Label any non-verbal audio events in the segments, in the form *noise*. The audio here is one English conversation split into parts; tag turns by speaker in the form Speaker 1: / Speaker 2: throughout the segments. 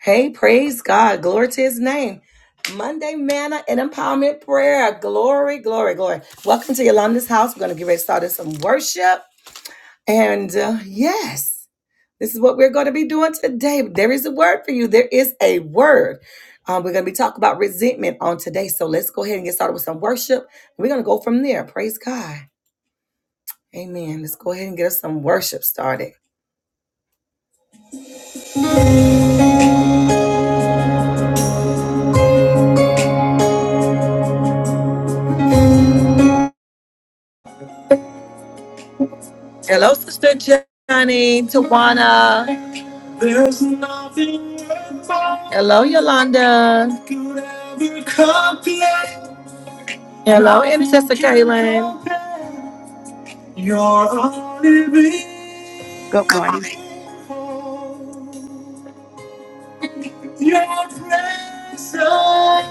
Speaker 1: Hey, praise God. Glory to his name. Monday Manna and Empowerment Prayer. Glory, glory, glory. Welcome to Yolanda's house. We're going to get ready to start in some worship. And uh, yes, this is what we're going to be doing today. There is a word for you. There is a word. Um, we're going to be talking about resentment on today. So let's go ahead and get started with some worship. We're going to go from there. Praise God. Amen. Let's go ahead and get us some worship started. Hello, Sister Johnny, Tawana. There's nothing about Hello, Yolanda. Could ever compare. Hello, Intercessor Kaylin. You're a living
Speaker 2: Good morning.
Speaker 1: hope. Your presence, Lord.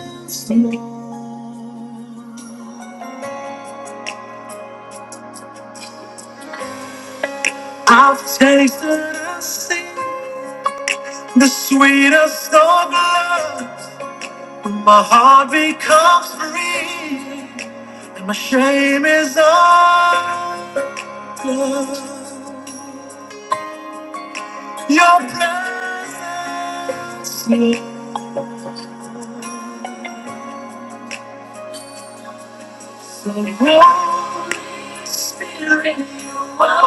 Speaker 1: I've tasted and seen the sweetest of loves. My heart becomes free, and my shame is gone. Your presence, the Holy Spirit, you are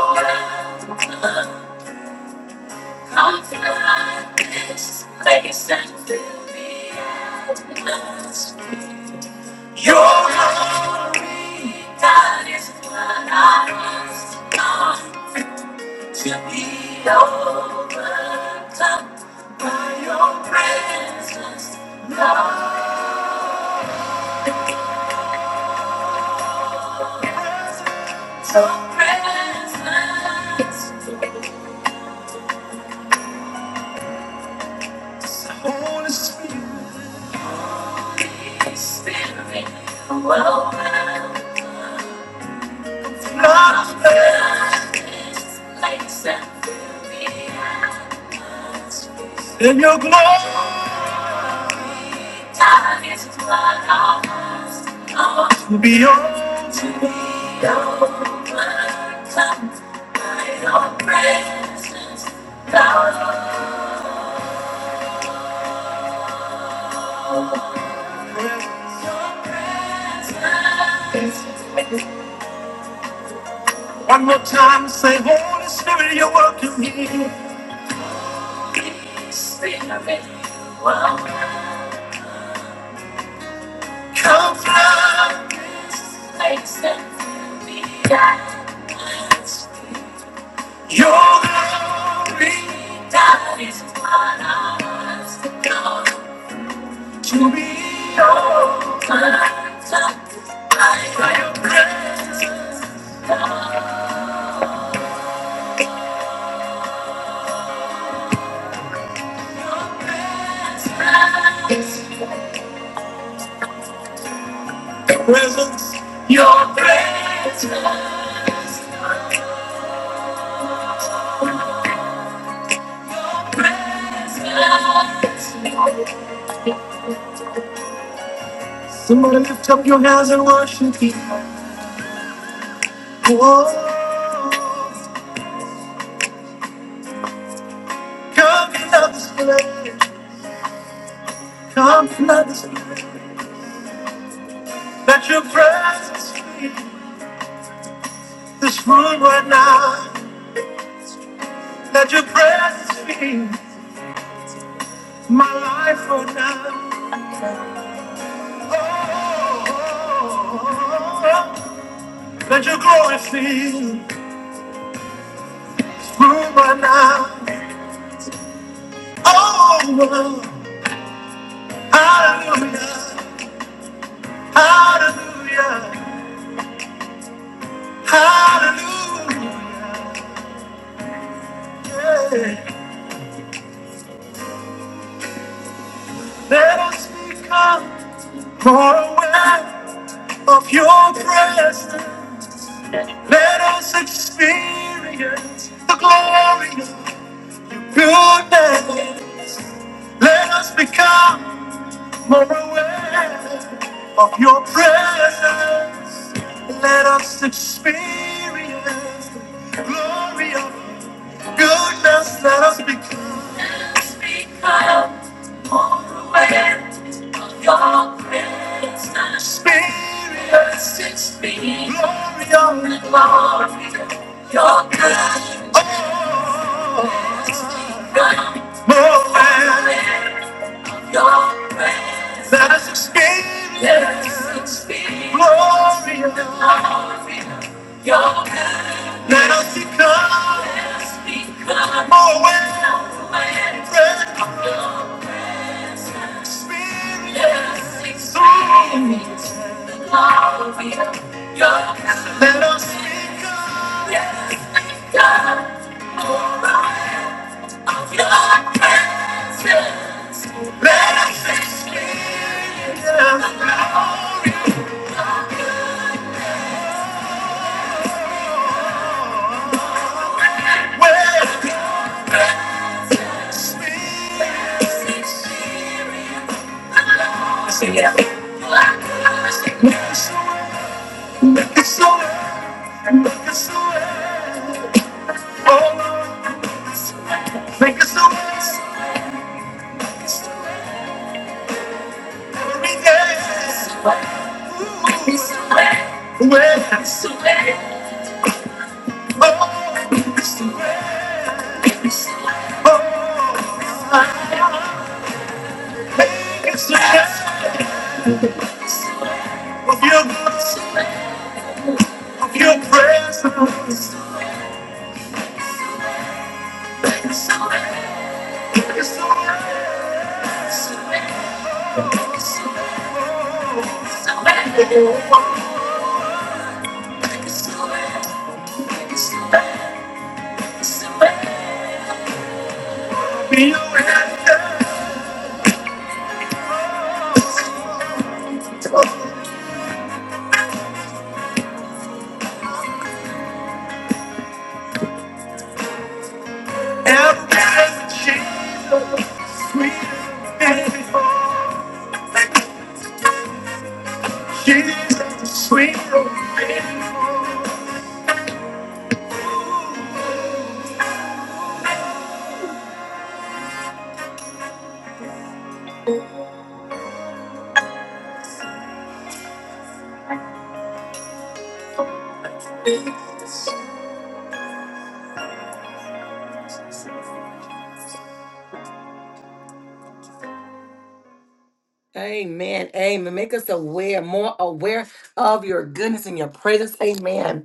Speaker 1: yes, and faithfulness. Your glory, that is what I must come to be overcome by your presence, Lord. Your presence, Holy Spirit. In your glory, Time is blood on us. to be yours. to be overcome by Your presence presence. One more time, say, Holy Spirit, you're welcome here. Spirit of it, welcome. Come from this place and fill the atmosphere. Your glory that is upon us. Come to know. To be overcome by your presence. Your presence. your presence. Your presence. Somebody lift up your hands and worship Him. Oh, come flood this place. Come flood this place. Let your presence fill this room right now. Let your presence fill my life for now. Oh, oh, oh, oh. let your glory fill this room right now. Oh, oh, hallelujah, hallelujah, hallelujah. Let us become. For a while of your presence, let us experience the glory of your name. Let us become more aware of your presence. Let us experience the glory of goodness. Let us become. let us become more aware. Your presence, Spirit, sits me. Glory, on the glory, your kindness, your presence, That's experience, sits me. Glory, on the glory, your goodness, Let us become more aware, Spirit, sits Make us Well, it's the way. Oh, it's the way. It's the dance of your grace, of your presence. It's the dance. Be your answer. Every day, Jesus, sweet and beautiful. Amen. Amen. Make us aware, more aware of your goodness and your presence. Amen.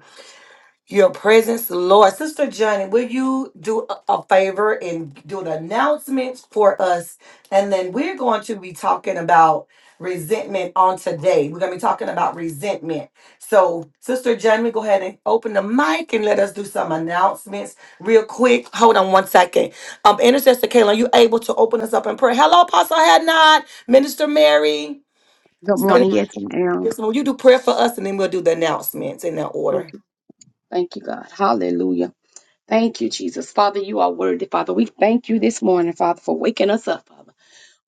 Speaker 1: your presence, Lord. Sister Johnny, will you do a a favor and do an announcement for us? And then we're going to be talking about resentment on today. We're going to be talking about resentment. So, Sister Johnny, go ahead and open the mic and let us do some announcements real quick. Hold on one second. Um, Intercessor Kayla, are you able to open us up in prayer? Hello, Apostle Hadnot, Minister Mary.
Speaker 2: Good
Speaker 1: Good
Speaker 2: morning. Yes, I am.
Speaker 1: Minister, Will you do prayer for us and then we'll do the announcements in that order?
Speaker 2: Okay. Thank you, God. Hallelujah. Thank you, Jesus. Father, you are worthy, Father. We thank you this morning, Father, for waking us up, Father.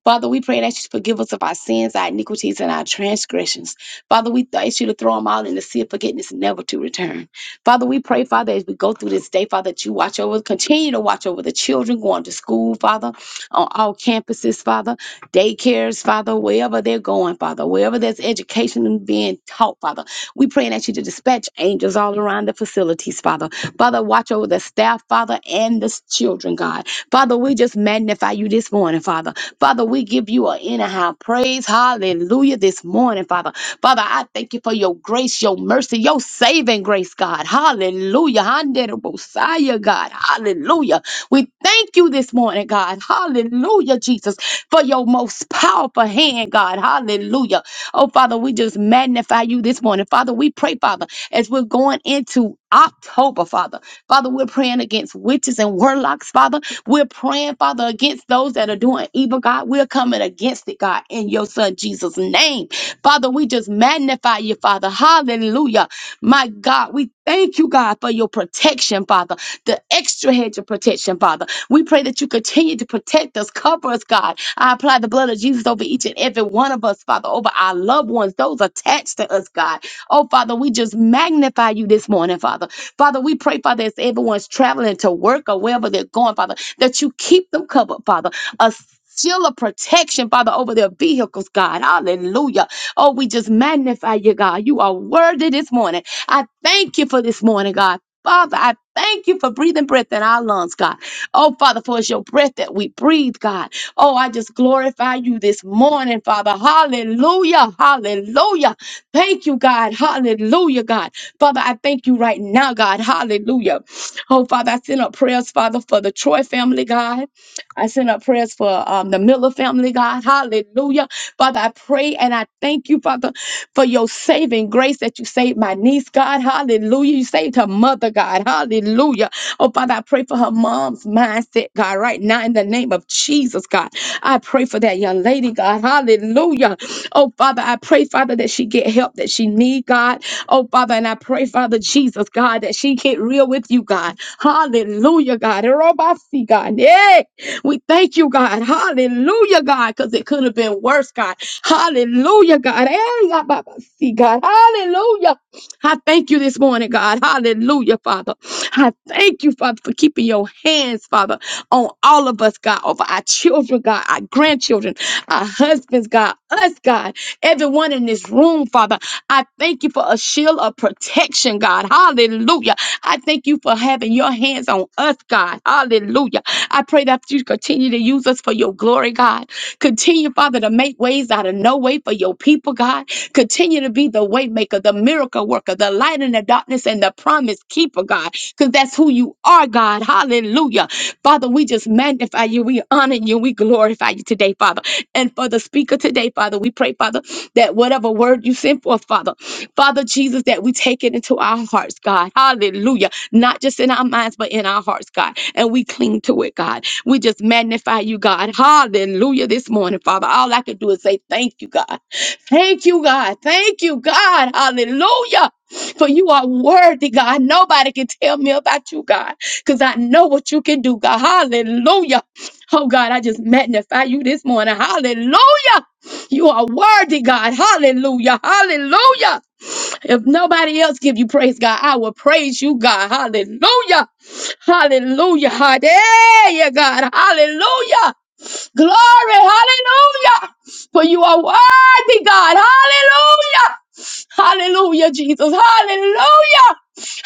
Speaker 2: Father, we pray that you forgive us of our sins, our iniquities, and our transgressions. Father, we ask you to throw them all in the sea of forgiveness, never to return. Father, we pray, Father, as we go through this day, Father, that you watch over, continue to watch over the children going to school, Father, on all campuses, Father. daycares, Father, wherever they're going, Father, wherever there's education being taught, Father. We praying that you to dispatch angels all around the facilities, Father. Father, watch over the staff, Father, and the s- children, God. Father, we just magnify you this morning, Father. Father, we give you an anyhow praise, hallelujah, this morning, Father. Father, I thank you for your grace, your mercy, your saving grace, God. Hallelujah. Handerabosaya, God. Hallelujah. We thank you this morning, God. Hallelujah, Jesus for your most powerful hand, God. Hallelujah. Oh, Father, we just magnify you this morning. Father, we pray, Father, as we're going into October, Father. Father, we're praying against witches and warlocks, Father. We're praying, Father, against those that are doing evil, God. We're coming against it, God, in your Son Jesus' name. Father, we just magnify you, Father. Hallelujah. My God, we thank you, God, for your protection, Father. The extra hedge of protection, Father. We pray that you continue to protect us, cover us, God. I apply the blood of Jesus over each and every one of us, Father, over our loved ones, those attached to us, God. Oh, Father, we just magnify you this morning, Father. Father, we pray, Father, as everyone's traveling to work or wherever they're going, Father, that you keep them covered, Father. A Shield of protection, Father, over their vehicles, God. Hallelujah. Oh, we just magnify you, God. You are worthy this morning. I thank you for this morning, God. Father, I thank you for breathing breath in our lungs, God. Oh, Father, for it's your breath that we breathe, God. Oh, I just glorify you this morning, Father. Hallelujah. Hallelujah. Thank you, God. Hallelujah, God. Father, I thank you right now, God. Hallelujah. Oh, Father, I send up prayers, Father, for the Troy family, God. I send up prayers for um, the Miller family, God. Hallelujah. Father, I pray and I thank you, Father, for your saving grace that you saved my niece, God. Hallelujah. You saved her mother, God. Hallelujah. Oh, Father, I pray for her mom's mindset, God, right now in the name of Jesus, God. I pray for that young lady, God. Hallelujah. Oh, Father, I pray, Father, that she get help that she need, God. Oh, Father, and I pray, Father Jesus, God, that she get real with you, God. Hallelujah, God. Erobasi, God. Yeah. We thank you, God. Hallelujah, God, because it could have been worse, God. Hallelujah, God. Hey, Ababasi, God. Hallelujah. I thank you this morning, God. Hallelujah, Father. I thank you, Father, for keeping your hands, Father, on all of us, God, over our children, God, our grandchildren, our husbands, God, us, God, everyone in this room, Father. I thank you for a shield of protection, God. Hallelujah. I thank you for having your hands on us, God. Hallelujah. I pray that you continue to use us for your glory, God. Continue, Father, to make ways out of no way for your people, God. Continue to continue to be the waymaker, the miracle worker, the light in the darkness, and the promise keeper, God, because that's who you are, God. Hallelujah. Father, we just magnify you, we honor you, we glorify you today, Father. And for the speaker today, Father, we pray, Father, that whatever word you send forth, Father, Father Jesus, that we take it into our hearts, God. Hallelujah. Not just in our minds, but in our hearts, God. And we cling to it, God. We just magnify you, God. Hallelujah. This morning, Father, all I could do is say thank you, God. Thank you, God. Thank you, God. Hallelujah. For you are worthy, God. Nobody can tell me about you, God, because I know what you can do, God. Hallelujah. Oh, God, I just magnify you this morning. Hallelujah. You are worthy, God. Hallelujah. Hallelujah. If nobody else give you praise, God, I will praise you, God. Hallelujah. Hallelujah. Hallelujah, God. Hallelujah. Glory, hallelujah. For you are worthy, God. Hallelujah. Hallelujah, Jesus. Hallelujah.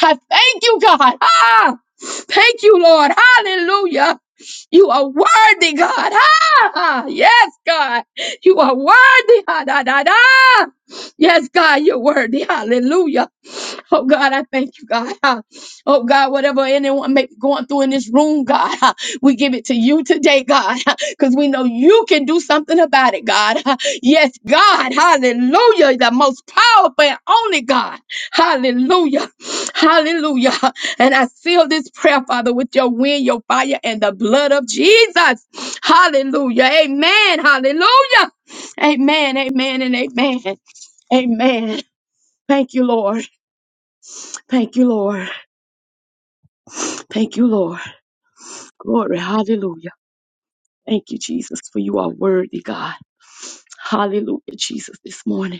Speaker 2: I thank you, God. Ah, thank you, Lord. Hallelujah. You are worthy, God. Ah, yes, God. You are worthy. Ah, da, da, da. Yes, God, you're worthy. Hallelujah. Oh, God, I thank you, God. Ah, Oh, God, whatever anyone may be going through in this room, God, ah, we give it to you today, God because we know you can do something about it, God. *laughs* Yes, God. Hallelujah. The most powerful and only God. Hallelujah. *sniffs* Hallelujah. And I seal this prayer, Father, with your wind, your fire, and the blood of Jesus. *sniffs* Hallelujah. Amen. Hallelujah. Amen. Amen. And amen. Amen. Thank you, Lord. Thank you, Lord. Thank you, Lord. Glory. Hallelujah. Thank you, Jesus, for you are worthy, God. Hallelujah, Jesus, this morning.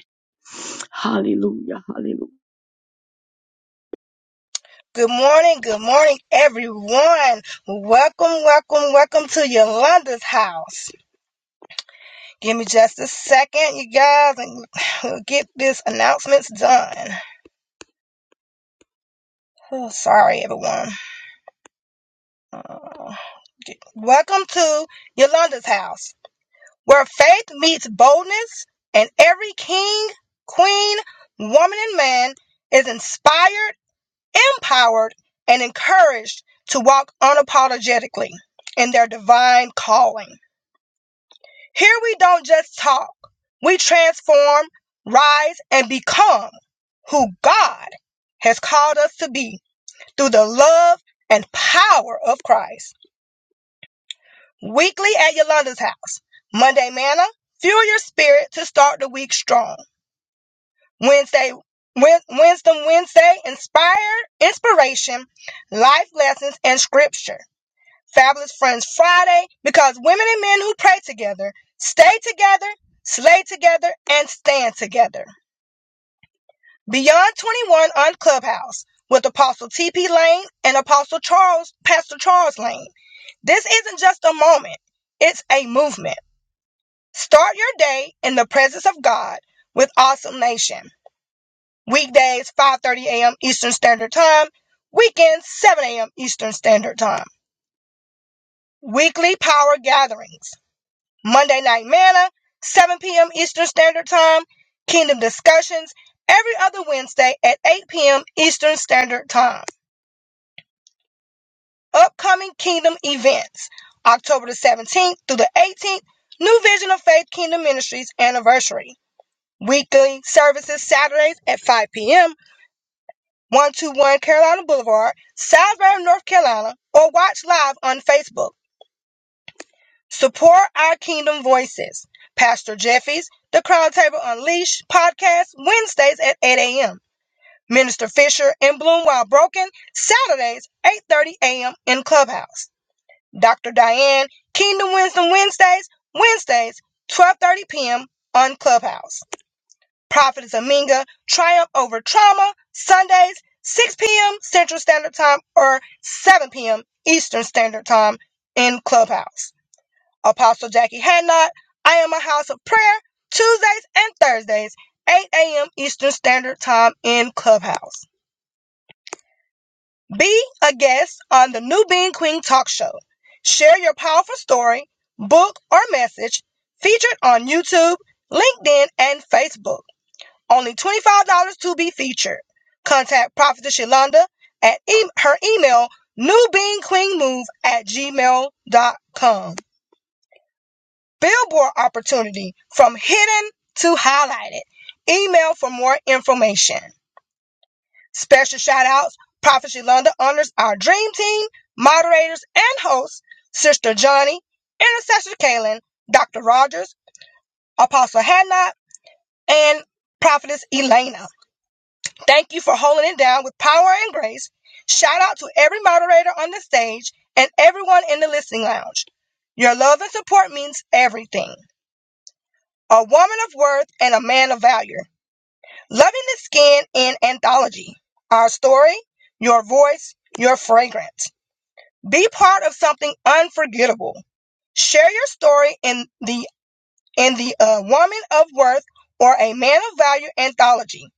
Speaker 2: Hallelujah. Hallelujah.
Speaker 3: Good morning, good morning, everyone. Welcome, welcome, welcome to Yolanda's house. Give me just a second, you guys, and we'll get this announcements done. Oh, sorry, everyone. Uh, Welcome to Yolanda's house, where faith meets boldness, and every king, queen, woman, and man is inspired, empowered, and encouraged to walk unapologetically in their divine calling. Here we don't just talk, we transform, rise, and become who God has called us to be through the love and power of Christ. Weekly at Yolanda's house. Monday manna, fuel your spirit to start the week strong. Wednesday, Wed- Wisdom Wednesday, inspired inspiration, life lessons, and scripture. Fabulous Friends Friday because women and men who pray together stay together, slay together, and stand together. Beyond 21 on Clubhouse with Apostle TP Lane and Apostle Charles, Pastor Charles Lane. This isn't just a moment, it's a movement. Start your day in the presence of God with Awesome Nation. Weekdays 5:30 a.m. Eastern Standard Time, weekends 7 a.m. Eastern Standard Time. Weekly power gatherings Monday Night Manna, 7 p.m. Eastern Standard Time, Kingdom Discussions every other Wednesday at 8 p.m. Eastern Standard Time. Upcoming Kingdom events October the 17th through the 18th, New Vision of Faith Kingdom Ministries anniversary. Weekly services Saturdays at 5 p.m. 121 Carolina Boulevard, Salisbury, North Carolina, or watch live on Facebook. Support our Kingdom Voices. Pastor Jeffy's The Crown Table Unleashed podcast Wednesdays at 8 a.m. Minister Fisher and Bloom While Broken Saturdays 8:30 a.m. in Clubhouse. Dr. Diane Kingdom Wisdom Wednesdays Wednesdays 12:30 p.m. on Clubhouse. Prophetess Aminga Triumph Over Trauma Sundays 6 p.m. Central Standard Time or 7 p.m. Eastern Standard Time in Clubhouse. Apostle Jackie Hadnot. I am a house of prayer Tuesdays and Thursdays, 8 a.m. Eastern Standard Time in Clubhouse. Be a guest on the New Being Queen Talk Show. Share your powerful story, book, or message featured on YouTube, LinkedIn, and Facebook. Only $25 to be featured. Contact Prophetess Yolanda at e- her email, newbeingqueenmove at gmail dot com. billboard opportunity from hidden to highlighted. Email for more information. Special shout outs. Prophet Yolanda honors our dream team, moderators, and hosts, Sister Johnny, Intercessor Kaylin, Dr. Rogers, Apostle Hadnot, and Prophetess Elena. Thank you for holding it down with power and grace. Shout out to every moderator on the stage and everyone in the listening lounge. Your love and support means everything. A Woman of Worth and a Man of Value. Loving the Skin in Anthology. Our story, your voice, your fragrance. Be part of something unforgettable. Share your story in the in the uh, Woman of Worth or a Man of Value anthology.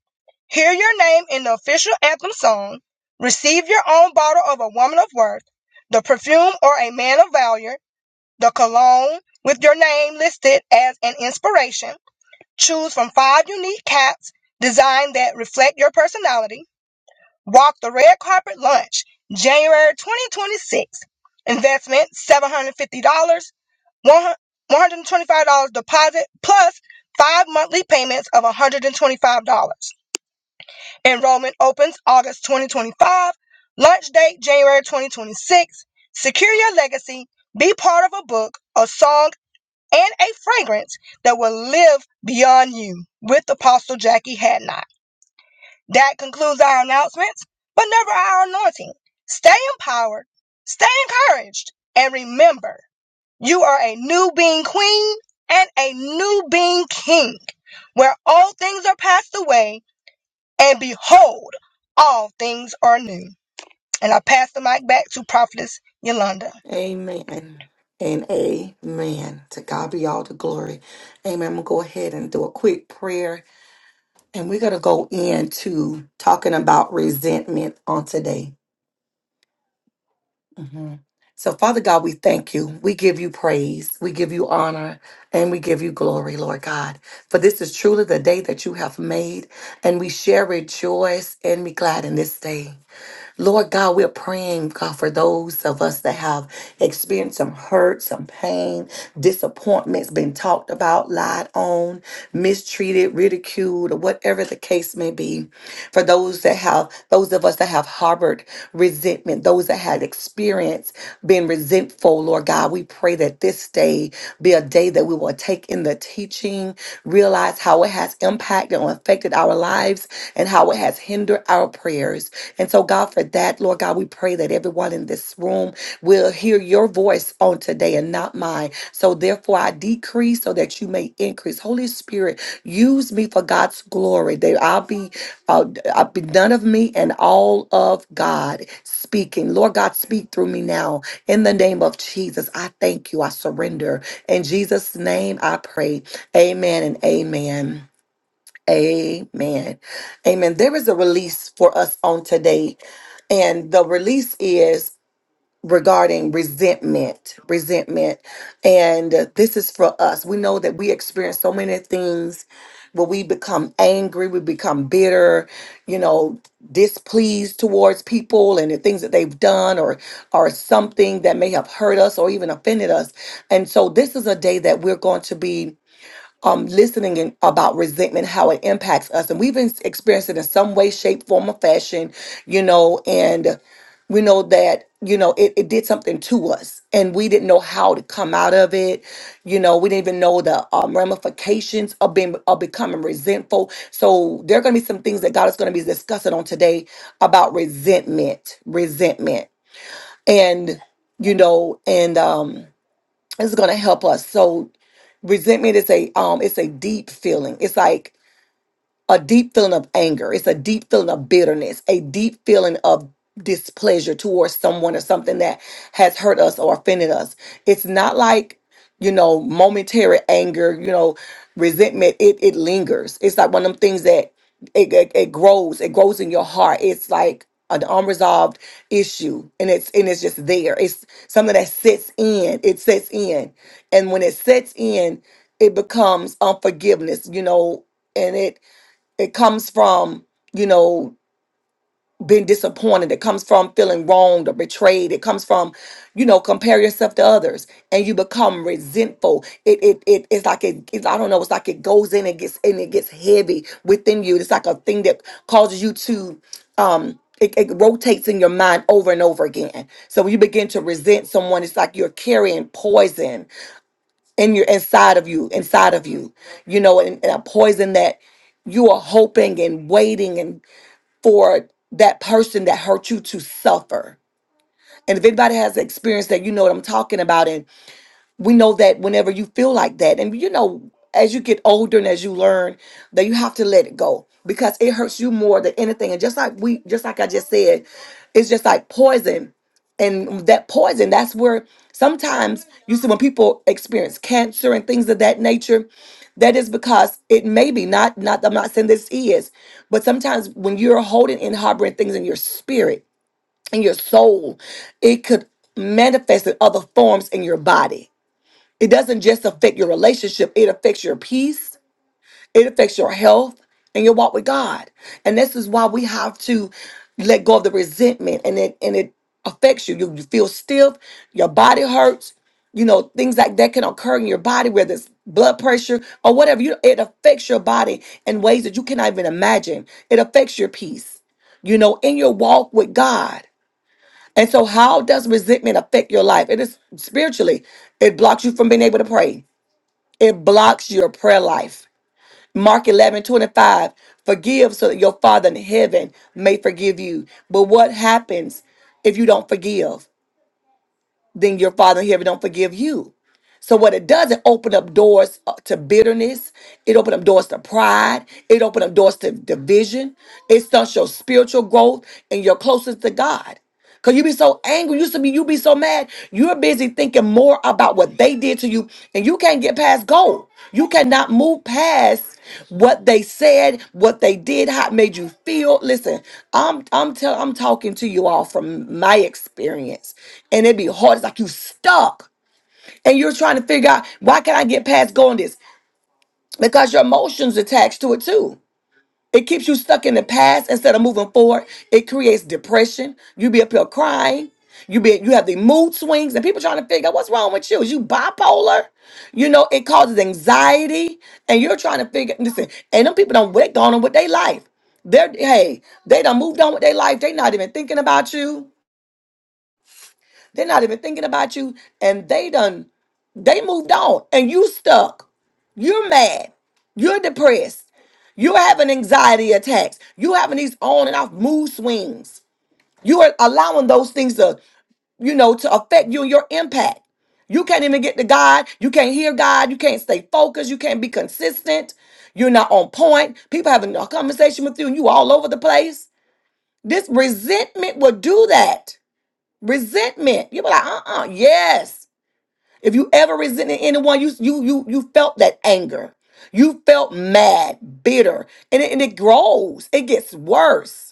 Speaker 3: Hear your name in the official anthem song. Receive your own bottle of a Woman of Worth, the perfume or a Man of Value, the cologne with your name listed as an inspiration Choose from five unique caps designed that reflect your personality. Walk the red carpet lunch, January 2026. Investment $750, one $125 deposit, plus five monthly payments of $125. Enrollment opens August 2025. Launch date January 2026. Secure your legacy. Be part of a book, a song, and a fragrance that will live beyond you with Apostle Jackie Hadnot. That concludes our announcements, but never our anointing. Stay empowered, stay encouraged, and remember you are a new being queen and a new being king, where all things are passed away, and behold, all things are new. And I pass the mic back to Prophetess Yolanda.
Speaker 1: Amen and amen. To God be all the glory. Amen. I'm going to go ahead and do a quick prayer and we're going to go into talking about resentment on today. Mhm. So, Father God, we thank you. We give you praise. We give you honor and we give you glory, Lord God. For this is truly the day that you have made and we shall rejoice and be glad in this day. Lord God, we're praying, God, for those of us that have experienced some hurt, some pain, disappointments, been talked about, lied on, mistreated, ridiculed, or whatever the case may be. For those that have, those of us that have harbored resentment, those that had experienced being resentful, Lord God, we pray that this day be a day that we will take in the teaching, realize how it has impacted or affected our lives, and how how it has hindered our prayers. And so, God, for that, Lord God, we pray that everyone in this room will hear your voice on today and not mine. So, therefore, I decrease so that you may increase. Holy Spirit, use me for God's glory. That I'll be, uh, I'll be none of me and all of God speaking. Lord God, speak through me now. In the name of Jesus, I thank you. I surrender. In Jesus' name, I pray. Amen and amen. Amen. Amen. There is a release for us on today, and the release is regarding resentment. Resentment. And uh, this is for us. We know that we experience so many things where we become angry, we become bitter, you know, displeased towards people and the things that they've done or or something that may have hurt us or even offended us. And so this is a day that we're going to be um, listening in, about resentment, how it impacts us. And we've been experienced it in some way, shape, form, or fashion, you know, and we know that, you know, it, it did something to us and we didn't know how to come out of it. You know, we didn't even know the um, ramifications of being of becoming resentful. So there are going to be some things that God is going to be discussing on today about resentment, resentment. And, you know, and, um, it's going to help us so resentment is a um it's a deep feeling it's like a deep feeling of anger. It's a deep feeling of bitterness, a deep feeling of displeasure towards someone or something that has hurt us or offended us. It's not like, you know, momentary anger, you know, resentment. It it lingers. It's like one of them things that it, it, it grows. It grows in your heart. It's like an unresolved issue and it's and it's just there. It's something that sits in. It sets in. And when it sets in, it becomes unforgiveness, you know, and it it comes from you know being disappointed it comes from feeling wronged or betrayed it comes from you know compare yourself to others and you become resentful it it, it it's like it, it's, i don't know it's like it goes in and gets and it gets heavy within you it's like a thing that causes you to um it, it rotates in your mind over and over again so when you begin to resent someone it's like you're carrying poison in your inside of you, inside of you, you know, and, and a poison that you are hoping and waiting and for that person that hurt you to suffer. And if anybody has experience that, you know what I'm talking about we know that whenever you feel like that, and you know, as you get older and as you learn, that you have to let it go because it hurts you more than anything. And just like we, just like I just said, it's just like poison. And that poison, that's where sometimes you see when people experience cancer and things of that nature, that is because it may be not, not, I'm not saying this is, but sometimes when you're holding and harboring things in your spirit, in your soul, it could manifest in other forms in your body it doesn't just affect your relationship, it affects your peace, it affects your health and your walk with God. And this is why we have to let go of the resentment and it and it affects you. You, you feel stiff, your body hurts, you know, things like that can occur in your body, whether it's blood pressure or whatever. You it affects your body in ways that you cannot even imagine. It affects your peace, you know, in your walk with God. And so, how does resentment affect your life? It is spiritually, it blocks you from being able to pray it blocks your prayer life. Mark 11 25. forgive so that your Father in heaven may forgive you. But what happens if you don't forgive? Then your Father in heaven don't forgive you. So what it does, it open up doors uh, to bitterness. It open up doors to pride. It open up doors to division. It stunts your spiritual growth and your closeness to God. Cause you be so angry, you used to be, you be so mad. You're busy thinking more about what they did to you, and you can't get past goal. You cannot move past what they said, what they did, how it made you feel. Listen, I'm I'm telling, I'm talking to you all from my experience, and it be hard. It's like you stuck and you're trying to figure out why can I get past going this? Because your emotions attached to it too. It keeps you stuck in the past instead of moving forward. It creates depression. You be up here crying. You be you have the mood swings and people trying to figure out what's wrong with you. Is you bipolar? You know, it causes anxiety and you're trying to figure listen, and them people don't they gone on with their life. They're hey, they done moved on with their life. They not even thinking about you. They're not even thinking about you. And they done They moved on and you stuck. You're mad. You're depressed. You're having anxiety attacks. You're having these on and off mood swings. You are allowing those things to, you know, to affect you and your impact. You can't even get to God. You can't hear God. You can't stay focused. You can't be consistent. You're not on point. People having a conversation with you and you all over the place. This resentment will do that. Resentment. You'll be like, uh uh yes. If you ever resented anyone, you you you you felt that anger. You felt mad, bitter, and it, and it grows. It gets worse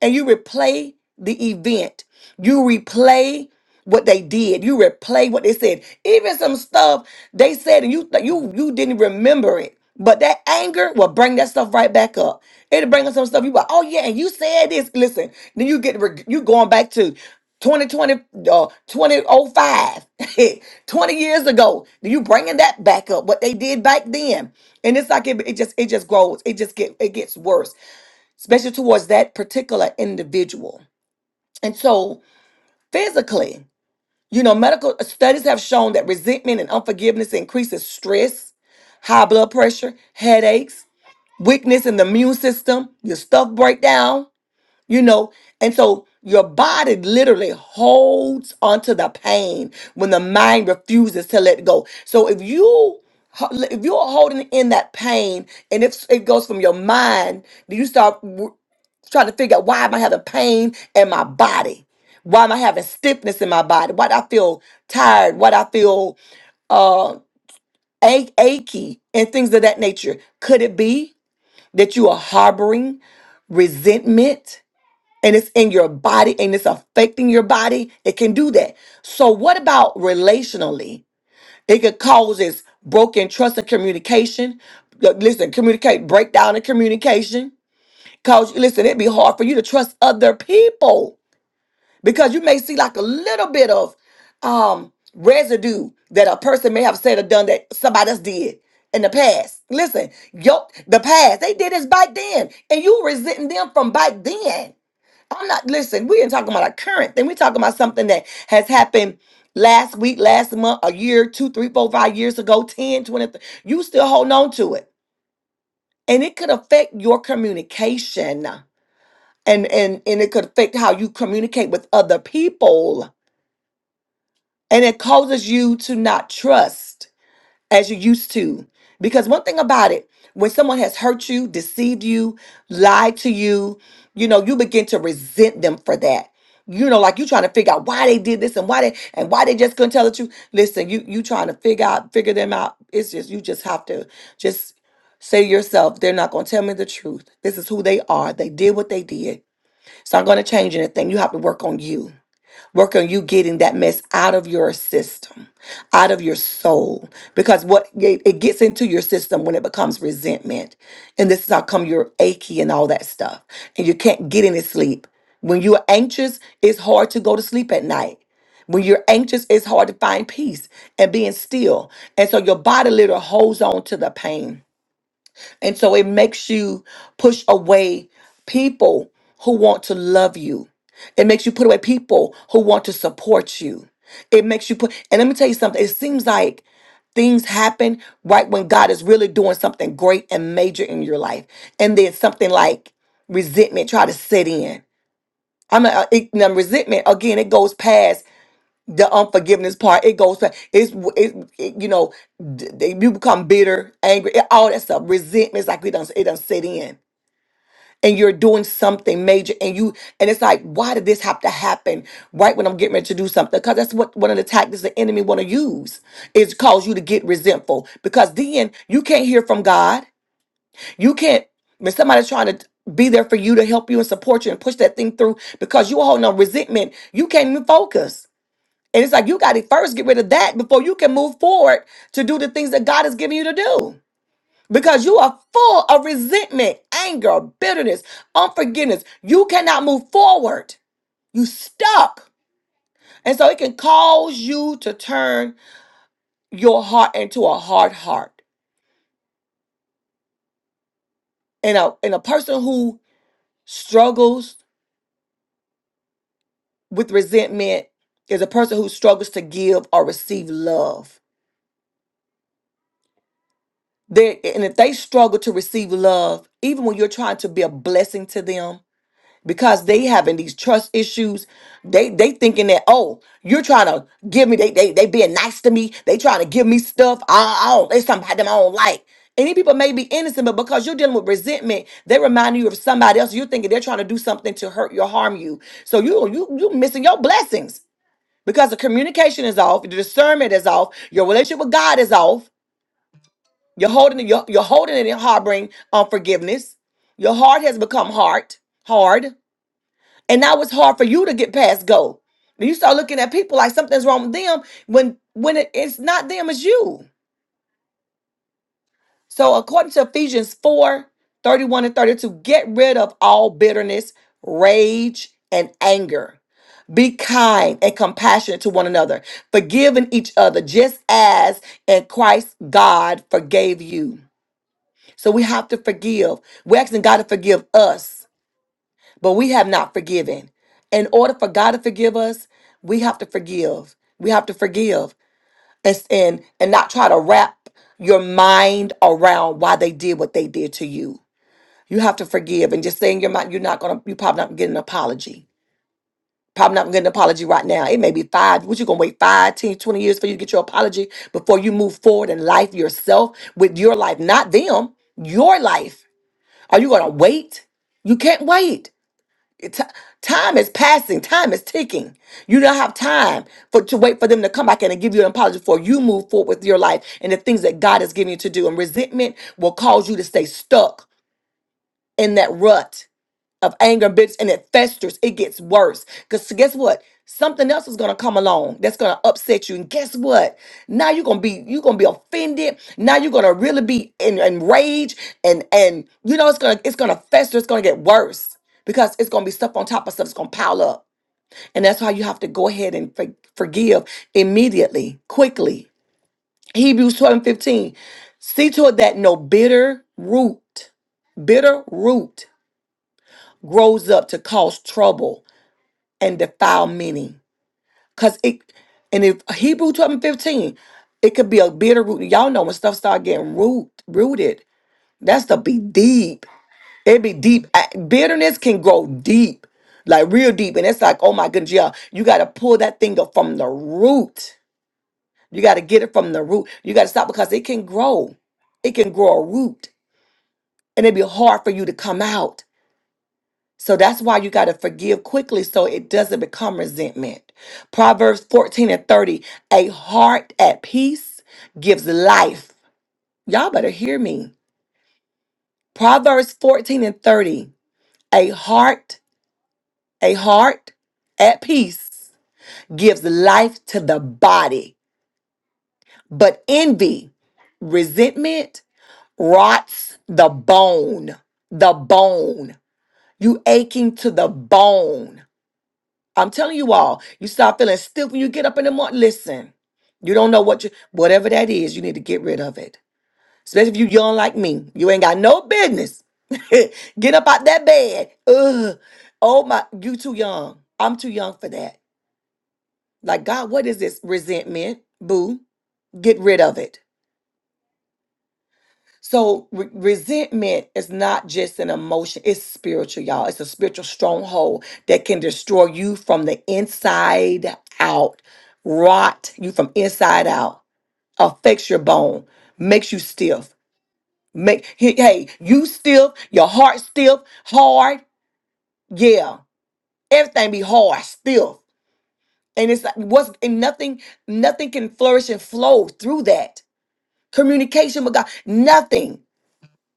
Speaker 1: and you replay the event. You replay what they did. You replay what they said. Even some stuff they said, and you you you didn't remember it. But that anger will bring that stuff right back up. It'll bring up some stuff. You go, oh yeah, and you said this. Listen, then you get reg- you going back to 2020, uh, 2005, *laughs* years ago. Then You bringing that back up? What they did back then, and it's like it, it just it just grows. It just get it gets worse especially towards that particular individual. And so, physically, you know, medical studies have shown that resentment and unforgiveness increases stress, high blood pressure, headaches, weakness in the immune system, your stuff break down, you know. And so, your body literally holds onto the pain when the mind refuses to let go. So, if you if you're holding in that pain and if it goes from your mind do you start trying to figure out why am I having pain in my body? Why am I having stiffness in my body? Why do I feel tired? Why do I feel uh, ach- achy and things of that nature? Could it be that you are harboring resentment and it's in your body and it's affecting your body? It can do that. So, what about relationally? It could cause this broken trust and communication. Listen, communicate breakdown in communication. Cause listen, it'd be hard for you to trust other people because you may see like a little bit of um residue that a person may have said or done that somebody else did in the past. Listen, yo, the past they did this back then, and you resenting them from back then. I'm not listen. We ain't talking about a current thing. We're talking about something that has happened last week, last month, a year, two, three, four, five years ago, ten, twenty. 20. You still holding on to it. And it could affect your communication. And and and it could affect how you communicate with other people and it causes you to not trust as you used to. Because one thing about it, when someone has hurt you, deceived you, lied to you, you know, you begin to resent them for that. You know, like you trying to figure out why they did this and why they and why they just couldn't tell the truth. Listen, you you trying to figure out figure them out. It's just you just have to just say to yourself, they're not gonna tell me the truth. This is who they are. They did what they did. So I'm gonna change anything. You have to work on you. Work on you getting that mess out of your system, out of your soul, because what it it gets into your system when it becomes resentment. And this is how come you're achy and all that stuff. And you can't get any sleep. When you're anxious, it's hard to go to sleep at night. When you're anxious, it's hard to find peace and being still. And so your body literally holds on to the pain and so it makes you push away people who want to love you. It makes you put away people who want to support you. It makes you put, and let me tell you something. It seems like things happen right when God is really doing something great and major in your life. And then something like resentment try to set in. I'm not, it, now resentment again. It goes past the unforgiveness part it goes back it's it, it, you know d- they, you become bitter angry it- all that stuff resentment it's like it doesn't it doesn't set in and you're doing something major and you and it's like why did this have to happen right when i'm getting ready to do something because that's what one of the tactics the enemy want to use is cause you to get resentful because then you can't hear from god you can't when somebody's trying to be there for you to help you and support you and push that thing through because you're holding on resentment you can't even focus and it's like you got to first get rid of that before you can move forward to do the things that God has given you to do. Because you are full of resentment, anger, bitterness, unforgiveness. You cannot move forward. You stuck. And so it can cause you to turn your heart into a hard heart. And a and a person who struggles with resentment is a person who struggles to give or receive love. They and if they struggle to receive love, even when you're trying to be a blessing to them, because they having these trust issues. They they thinking that oh, you're trying to give me they they they being nice to me. They trying to give me stuff. I, I don't. There's something about them I don't like. And these people may be innocent, but because you're dealing with resentment, they remind you of somebody else. You're thinking they're trying to do something to hurt you or harm you. So you you you missing your blessings because the communication is off, the discernment is off, your relationship with God is off. You're holding you're, you're holding it and harboring unforgiveness. Your heart has become hard, hard and now it's hard for you to get past go. When you start looking at people like something's wrong with them when when it- it's not them, it's you. So according to Ephesians four thirty one 31 and 32, get rid of all bitterness, rage, and anger. Be kind and compassionate to one another, forgiving each other, just as in Christ God forgave you. So we have to forgive. We're asking God to forgive us but we have not forgiven. In order for God to forgive us, we have to forgive. We have to forgive and and, and not try to wrap your mind around why they did what they did to you. You have to forgive and just saying your mind, you're not gonna you probably not gonna get an apology. Probably not gonna get an apology right now. It may be five. What you gonna wait five, ten, twenty years for you to get your apology before you move forward in life yourself with your life, not them, your life. Are you gonna wait? You can't wait. Ti- time is passing time is ticking you don't have time for to wait for them to come back and give you an apology before you move forward with your life and the things that god has given you to do and resentment will cause you to stay stuck in that rut of anger and bitterness and it festers, it gets worse. Because guess what? Something else is gonna come along that's gonna upset you. And guess what? Now you're gonna be you're gonna be offended. Now you're gonna really be en- enraged and and you know it's gonna it's gonna fester, it's gonna get worse because it's gonna be stuff on top of stuff, it's gonna pile up. And that's why you have to go ahead and for- forgive immediately, quickly. Hebrews 12 and 15. See to it that no bitter root, bitter root grows up to cause trouble and defile many. Cause it and if Hebrew 12 and 15, it could be a bitter root. Y'all know when stuff start getting root rooted, that's to be deep. It be deep. A- Bitterness can grow deep, like real deep. And it's like, oh my goodness, yeah, you gotta pull that thing up from the root. You gotta get it from the root. You gotta stop because it can grow. It can grow a root. And it'd be hard for you to come out So that's why you got to forgive quickly so it doesn't become resentment. Proverbs 14 and 30 A heart at peace gives life. Y'all better hear me. Proverbs 14 and 30 A heart, a heart at peace gives life to the body, but envy, resentment rots the bone. The bone. You aching to the bone. I'm telling you all, you start feeling stiff when you get up in the morning. Listen, you don't know what you, whatever that is, you need to get rid of it. Especially if you young like me, you ain't got no business. *laughs* get up out that bed. Ugh. Oh my, you too young. I'm too young for that. Like God, what is this resentment? Boo, get rid of it. So re- resentment is not just an emotion, it's spiritual, y'all. It's a spiritual stronghold that can destroy you from the inside out, rot you from inside out, affects your bone, makes you stiff. Make he- hey, you stiff, your heart stiff, hard, yeah. Everything be hard, stiff. And it's like what's and nothing, nothing can flourish and flow through that. Communication with God, nothing.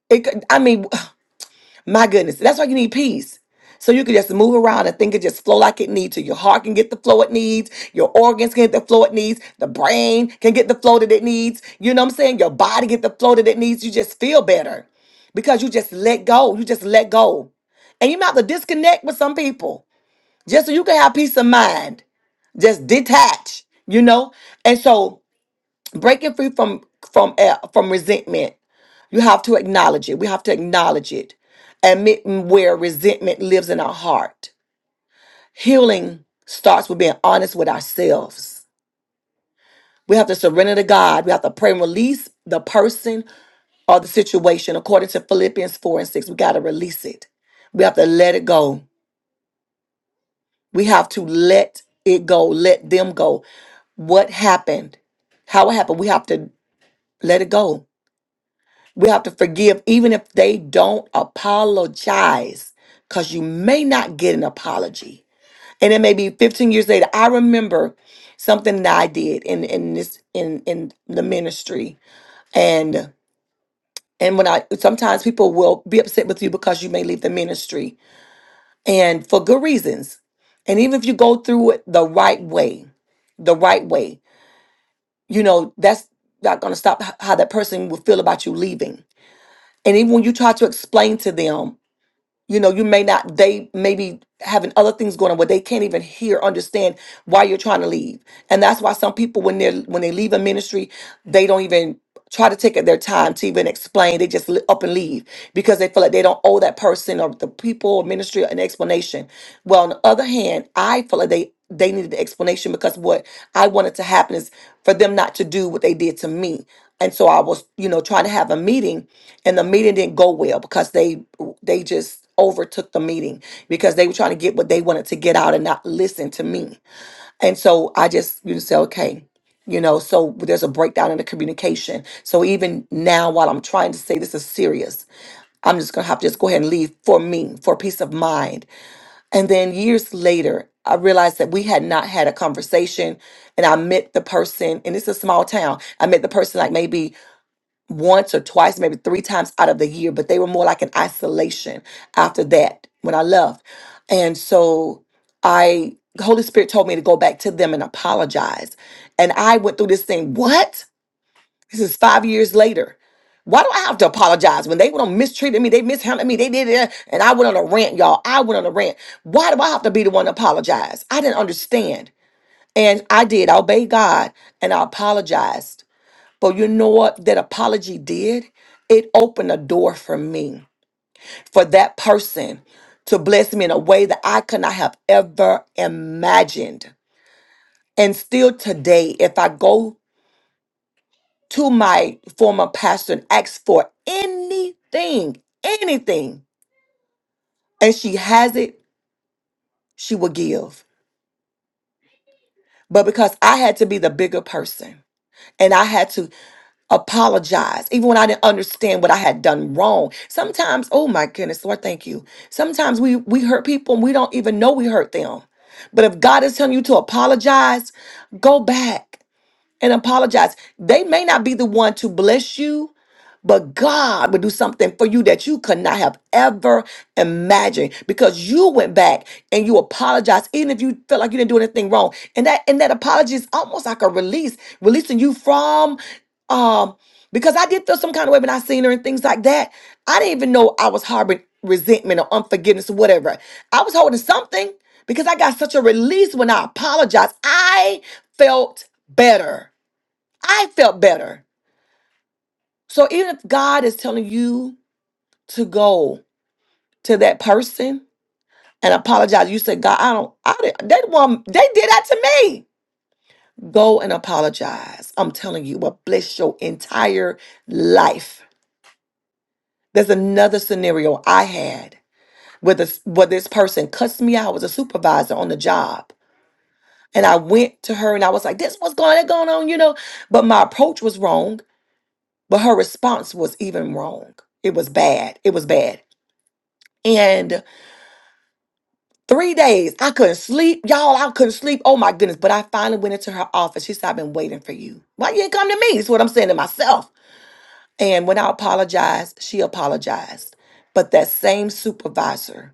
Speaker 1: It, could- I mean, *laughs* My goodness, that's why you need peace. So you can just move around and think it just flow like it needs to. Your heart can get the flow it needs. Your organs can get the flow it needs. The brain can get the flow that it needs. You know what I'm saying? Your body get the flow that it needs. You just feel better because you just let go. You just let go. And you might have to disconnect with some people just so you can have peace of mind. Just detach, you know? And so breaking free from from uh, from resentment you have to acknowledge it we have to acknowledge it admit where resentment lives in our heart healing starts with being honest with ourselves we have to surrender to god we have to pray and release the person or the situation according to philippians 4 and 6 we got to release it we have to let it go we have to let it go let them go what happened how it happened we have to let it go We have to forgive even if they don't apologize because you may not get an apology. And it may be 15 years later. I remember something that I did in, in this in in the ministry. And and when I sometimes people will be upset with you because you may leave the ministry and for good reasons. And even if you go through it the right way, the right way, you know, that's not gonna stop h- how that person will feel about you leaving. And even when you try to explain to them you know you may not they may be having other things going on where they can't even hear understand why you're trying to leave and that's why some people when they're when they leave a ministry they don't even try to take their time to even explain they just li- up and leave because they feel like they don't owe that person or the people or ministry an explanation well on the other hand i feel like they they needed the explanation because what i wanted to happen is for them not to do what they did to me and so i was you know trying to have a meeting and the meeting didn't go well because they they just overtook the meeting because they were trying to get what they wanted to get out and not listen to me. And so I just you know say, okay, you know, so there's a breakdown in the communication. So even now while I'm trying to say this is serious, I'm just gonna have to just go ahead and leave for me, for peace of mind. And then years later, I realized that we had not had a conversation and I met the person, and it's a small town. I met the person like maybe once or twice, maybe three times out of the year, but they were more like an isolation after that when I left. And so I the Holy Spirit told me to go back to them and apologize. And I went through this thing, what? This is five years later. Why do I have to apologize when they went on mistreated me? They mishandled me. They did it. And I went on a rant, y'all. I went on a rant. Why do I have to be the one to apologize? I didn't understand. And I did. I obeyed God and I apologized but you know what that apology did? It opened a door for me, for that person to bless me in a way that I could not have ever imagined. And still today, if I go to my former pastor and ask for anything, anything, and she has it, she will give. But because I had to be the bigger person, and I had to. apologize, even when I didn't understand what I had done wrong. Sometimes, oh my goodness, Lord, thank you. Sometimes we we hurt people and we don't even know we hurt them. But if God is telling you to apologize, go back and apologize. They may not be the one to bless you, but God will do something for you that you could not have ever imagined because you went back and you apologized, even if you felt like you didn't do anything wrong. And that and that apology is almost like a release, releasing you from um because I did feel some kind of way when I seen her and things like that. I didn't even know I was harboring resentment or unforgiveness or whatever. I was holding something because I got such a release when I apologized. I felt better. I felt better. So even if God is telling you to go to that person and apologize, you say, God, I don't, I didn't, they, want, they did that to me. Go and apologize. I'm telling you, it will bless your entire life. There's another scenario I had where this, where this person cussed me out. I was a supervisor on the job. And I went to her and I was like, this what's going going on, you know? But my approach was wrong. But her response was even wrong. It was bad. It was bad. And three days, I couldn't sleep. Y'all, I couldn't sleep. Oh my goodness. But I finally went into her office. She said, I've been waiting for you. Why you didn't come to me? Is what I'm saying to myself. And when I apologized, she apologized. But that same supervisor,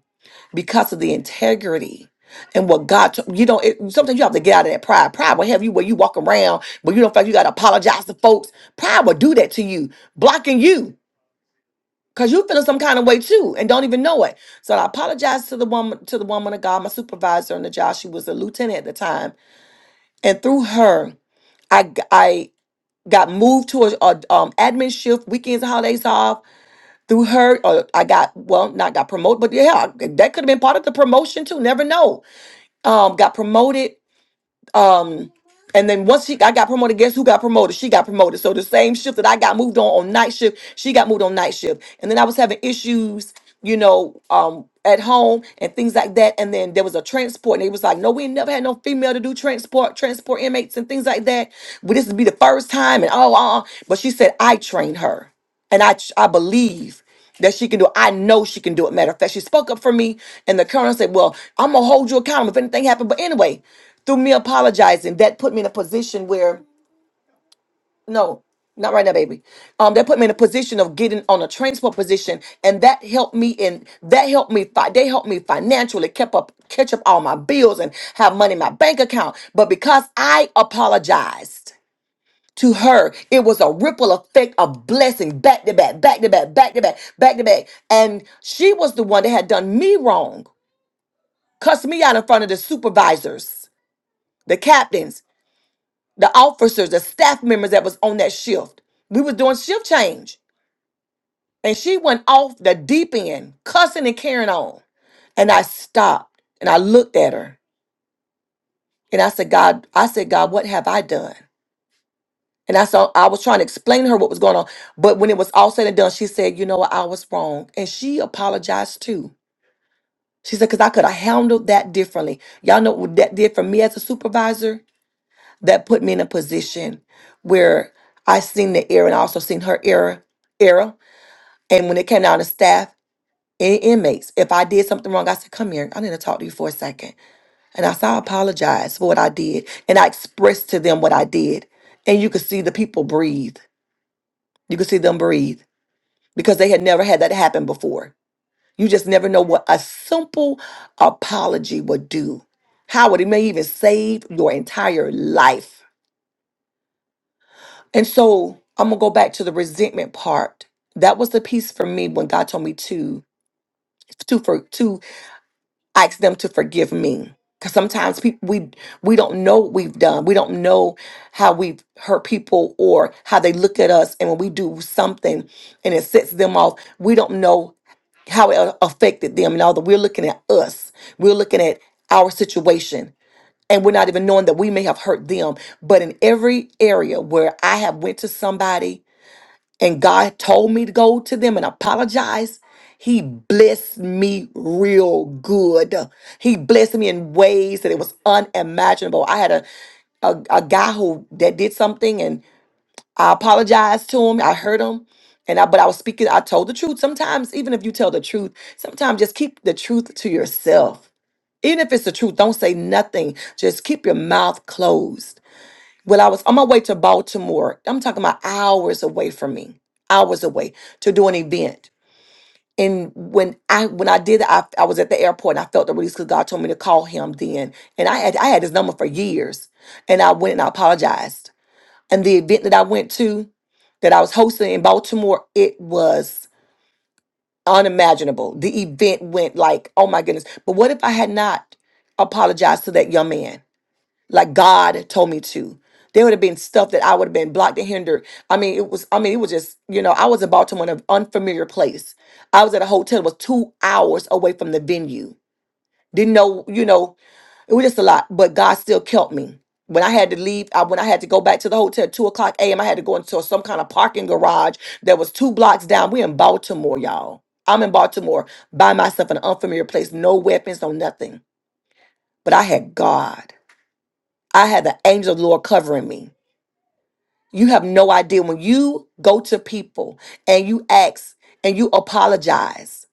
Speaker 1: because of the integrity and what God, to- you know, it, sometimes you have to get out of that pride. Pride will have you where you walk around, but you don't feel like you got to apologize to folks. Pride will do that to you, blocking you. Cause you feeling some kind of way too, and don't even know it. So I apologized to the woman, to the woman of God, my supervisor on the job. She was a lieutenant at the time, and through her, I g- I got moved to a, a, um, admin shift, weekends and holidays off. Through her, or I got well, not got promoted, but yeah, that could have been part of the promotion too. Never know. Um, got promoted um, and then once she, I got promoted. Guess who got promoted? She got promoted. So the same shift that I got moved on on night shift, she got moved on night shift. And then I was having issues, you know, um, at home and things like that. And then there was a transport, and they was like, "No, we ain't never had no female to do transport, transport inmates and things like that. Well, this would be the first time." And oh, uh, uh. but she said I trained her and I I believe that she can do it. I know she can do it. Matter of fact, she spoke up for me, and the colonel said, "Well, I'm gonna hold you accountable if anything happened." But anyway, through me apologizing, that put me in a position where no. Not right now, baby. Um, that put me in a position of getting on a transport position, and that helped me. And that helped me. Fi- they helped me financially, kept up, catch up all my bills, and have money in my bank account. But because I apologized, to her. It was a ripple effect of blessing back to back, back to back, back to back, back to back. And she was the one that had done me wrong, cussed me out in front of the supervisors, the captains, the officers, the staff members that was on that shift. We was doing shift change. And she went off the deep end, cussing and carrying on. And I stopped and I looked at her and I said, God, I said, God, what have I done? And I saw I was trying to explain to her what was going on. But when it was all said and done, she said, you know what, I was wrong. And she apologized too. She said, because I could have handled that differently. Y'all know what that did for me as a supervisor? That put me in a position where I seen the error and I also seen her error error. And when it came down to staff and inmates, if I did something wrong, I said, come here, I need to talk to you for a second. And I said, I apologize for what I did. And I expressed to them what I did. And you could see the people breathe. You could see them breathe because they had never had that happen before. You just never know what a simple apology would do. How it may even save your entire life. And so I'm gonna go back to the resentment part. That was the piece for me when God told me to to for to ask them to forgive me because sometimes people we we don't know what we've done we don't know how we've hurt people or how they look at us and when we do something and it sets them off we don't know how it a- affected them and although we're looking at us we're looking at our situation and we're not even knowing that we may have hurt them but in every area where i have went to somebody and God told me to go to them and apologize, He blessed me real good. He blessed me in ways that it was unimaginable. I had a a, a guy who that did something and I apologized to him. I hurt him. And I but I was speaking, I told the truth. Sometimes, even if you tell the truth, sometimes just keep the truth to yourself. Even if it's the truth, don't say nothing. Just keep your mouth closed well, I was on my way to Baltimore. I'm talking about hours away from me, hours away to do an event. And when I when I did, it, I I was at the airport and I felt the release because God told me to call him then. And I had I had his number for years, and I went and I apologized. And the event that I went to, that I was hosting in Baltimore, it was unimaginable. The event went like, oh my goodness! But what if I had not apologized to that young man? like God told me to. There would have been stuff that I would have been blocked and hindered. I mean, it was, I mean, it was just, you know, I was in Baltimore in an unfamiliar place. I was at a hotel that was two hours away from the venue. Didn't know, you know, it was just a lot, but God still kept me. When I had to leave, I, when I had to go back to the hotel at 2 o'clock a.m., I had to go into some kind of parking garage that was two blocks down. We're in Baltimore, y'all. I'm in Baltimore by myself in an unfamiliar place, no weapons, no nothing. But I had God. I had the angel of the Lord covering me. You have no idea when you go to people and you ask and you apologize.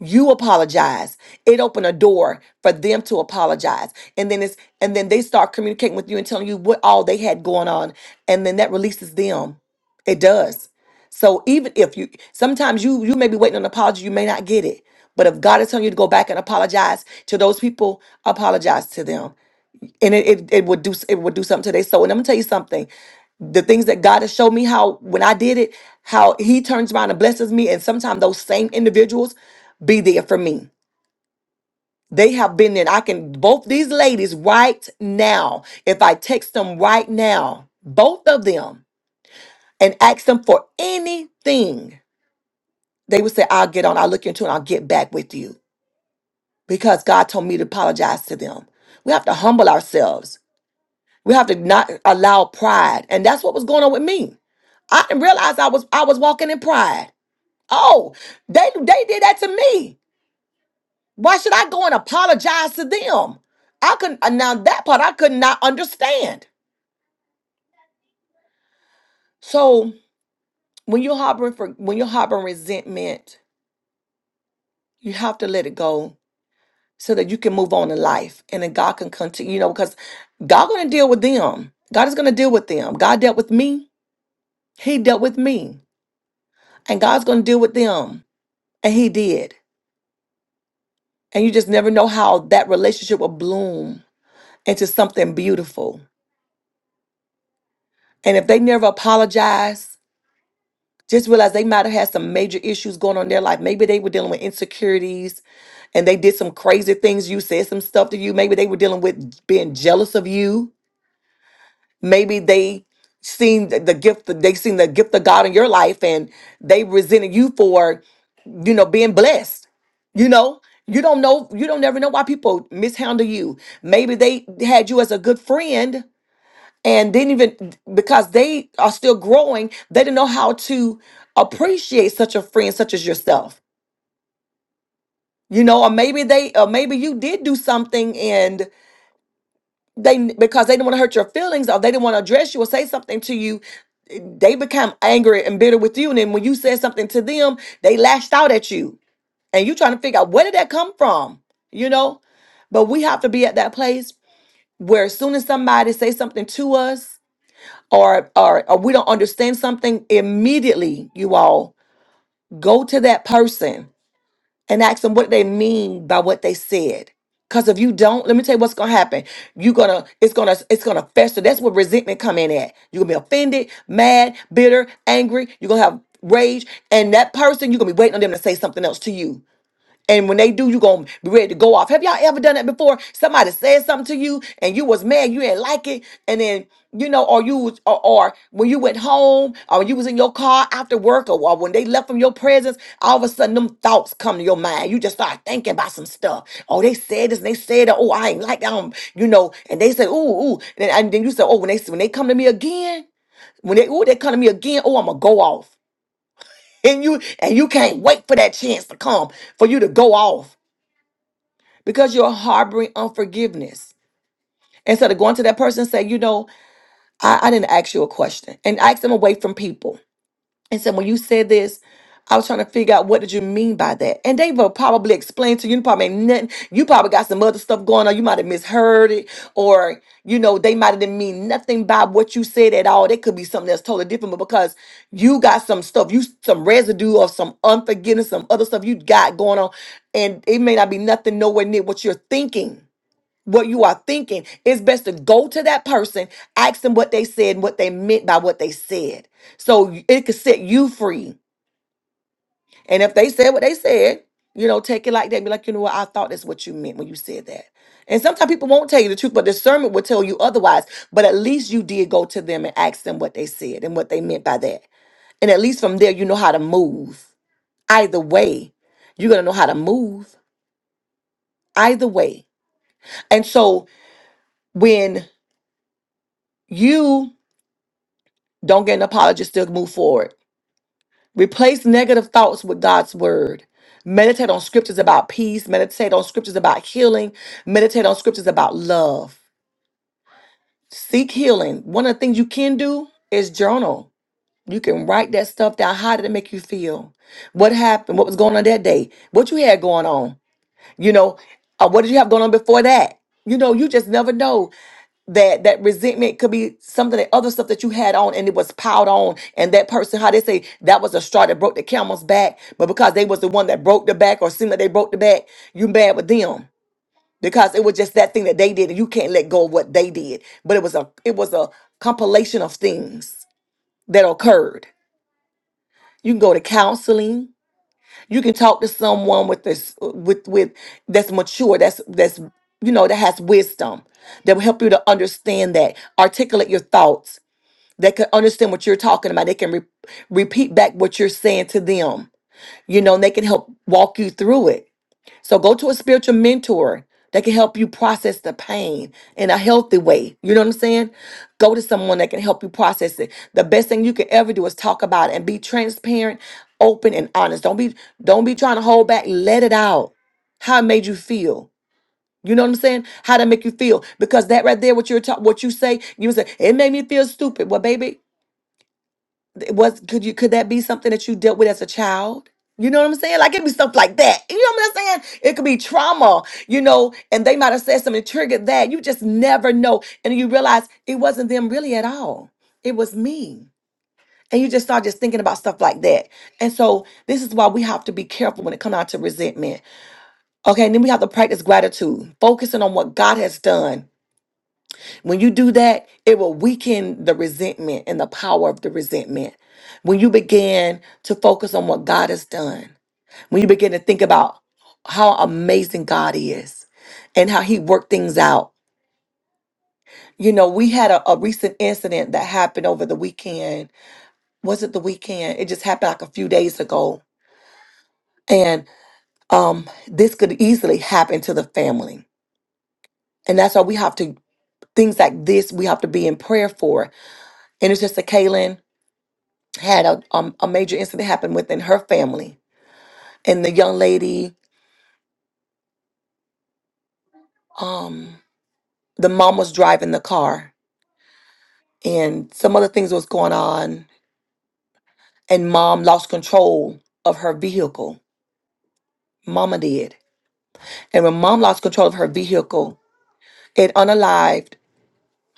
Speaker 1: You apologize. It opened a door for them to apologize. And then it's and then they start communicating with you and telling you what all they had going on. And then that releases them. It does. So even if you sometimes you you may be waiting on an apology, you may not get it. But if God is telling you to go back and apologize to those people, apologize to them and it, it, it would do it would do something to their soul. And I'm gonna tell you something. The things that God has showed me how when I did it, how He turns around and blesses me, and sometimes those same individuals be there for me. They have been there. I can both these ladies right now, if I text them right now, both of them, and ask them for anything, they would say, I'll get on, I'll look into it, and I'll get back with you. Because God told me to apologize to them. We have to humble ourselves. We have to not allow pride. And that's what was going on with me. I didn't realize I was I was walking in pride. Oh, they they did that to me. Why should I go and apologize to them? I couldn't uh, now that part I could not understand. So when you're harboring for when you're harboring resentment, you have to let it go so that you can move on in life and then God can continue, you know, because God gonna deal with them. God is gonna deal with them. God dealt with me, He dealt with me, and God's gonna deal with them. And he did. And you just never know how that relationship will bloom into something beautiful. And if they never apologize, just realize they might have had some major issues going on in their life. Maybe they were dealing with insecurities and they did some crazy things. You said some stuff to you. Maybe they were dealing with being jealous of you. Maybe they seen the the gift they seen the gift of God in your life and they resented you for you know, being blessed. You know, you don't know, you don't never know why people mishandle you. Maybe they had you as a good friend and didn't even because they are still growing, they didn't know how to appreciate such a friend such as yourself. You know, or maybe they or maybe you did do something and they because they didn't want to hurt your feelings or they didn't want to address you or say something to you they become angry and bitter with you and then when you said something to them they lashed out at you and you're trying to figure out where did that come from you know but we have to be at that place where as soon as somebody say something to us or or, or we don't understand something immediately you all go to that person and ask them what they mean by what they said because if you don't let me tell you what's gonna happen you're gonna it's gonna it's gonna fester that's where resentment come in at you're gonna be offended mad bitter angry you're gonna have rage and that person you're gonna be waiting on them to say something else to you and when they do, you gonna be ready to go off. Have y'all ever done that before? Somebody said something to you and you was mad, you didn't like it, and then you know, or you was or, or when you went home, or when you was in your car after work, or, or when they left from your presence, all of a sudden them thoughts come to your mind. You just start thinking about some stuff. Oh, they said this, and they said that. Oh, I ain't like them, you know. And they said, ooh, ooh, and, and then you said, oh, when they when they come to me again, when they ooh, they come to me again, oh, I'm gonna go off and you and you can't wait for that chance to come for you to go off because you're harboring unforgiveness. Instead of going to that person and say, you know, I, I didn't ask you a question and ask them away from people. And said, when you said this, I was trying to figure out what did you mean by that. And they will probably explain to you, probably ain't nothing. You probably got some other stuff going on. You might have misheard it, or you know, they might have didn't mean nothing by what you said at all. It could be something that's totally different, but because you got some stuff, you some residue of some unforgiveness, some other stuff you got going on, and it may not be nothing nowhere near what you're thinking what you are thinking, it's best to go to that person, ask them what they said, and what they meant by what they said. So it could set you free. And if they said what they said, you know, take it like that. Be like, you know what? I thought that's what you meant when you said that. And sometimes people won't tell you the truth, but discernment will tell you otherwise. But at least you did go to them and ask them what they said and what they meant by that. And at least from there, you know how to move. Either way, you're going to know how to move. Either way. And so when you Don't get an apology. Still move forward. Replace negative thoughts with God's word. Meditate on scriptures about peace. Meditate on scriptures about healing. Meditate on scriptures about love. Seek healing. One of the things you can do is journal. You can write that stuff down. How did it make you feel? What happened? What was going on that day? What you had going on? You know, uh, what did you have going on before that? You know, you just never know that that resentment could be something that other stuff that you had on and it was piled on and that person how they say that was a straw that broke the camel's back but because they was the one that broke the back or seemed like they broke the back you mad with them because it was just that thing that they did and you can't let go of what they did but it was a it was a compilation of things that occurred you can go to counseling you can talk to someone with this with with that's mature that's that's you know that has wisdom that will help you to understand that articulate your thoughts they can understand what you're talking about. They can re- repeat back what you're saying to them. You know, and they can help walk you through it. So go to a spiritual mentor that can help you process the pain in a healthy way. You know what I'm saying? Go to someone that can help you process it. The best thing you can ever do is talk about it and be transparent, open, and honest. Don't be don't be trying to hold back. Let it out. How it made you feel. You know what I'm saying? How to make you feel because that right there, what you're talking, what you say, you say it made me feel stupid. Well, baby, was could you could that be something that you dealt with as a child you know what i'm saying like it'd be stuff like that you know what i'm saying it could be trauma you know and they might have said something that triggered that you just never know and you realize it wasn't them really at all it was me and you just start just thinking about stuff like that and so this is why we have to be careful when it comes out to resentment okay and then we have to practice gratitude focusing on what god has done when you do that, it will weaken the resentment and the power of the resentment. When you begin to focus on what God has done, when you begin to think about how amazing God is and how He worked things out. You know, we had a, a recent incident that happened over the weekend. Was it the weekend? It just happened like a few days ago. And um, this could easily happen to the family. And that's why we have to, things like this, we have to be in prayer for. And it's just a Kaylin. had a, um, a major incident happen within her family. And the young lady, um, the mom was driving the car and some other things was going on. And mom lost control of her vehicle. Mama did. And when mom lost control of her vehicle, it unalived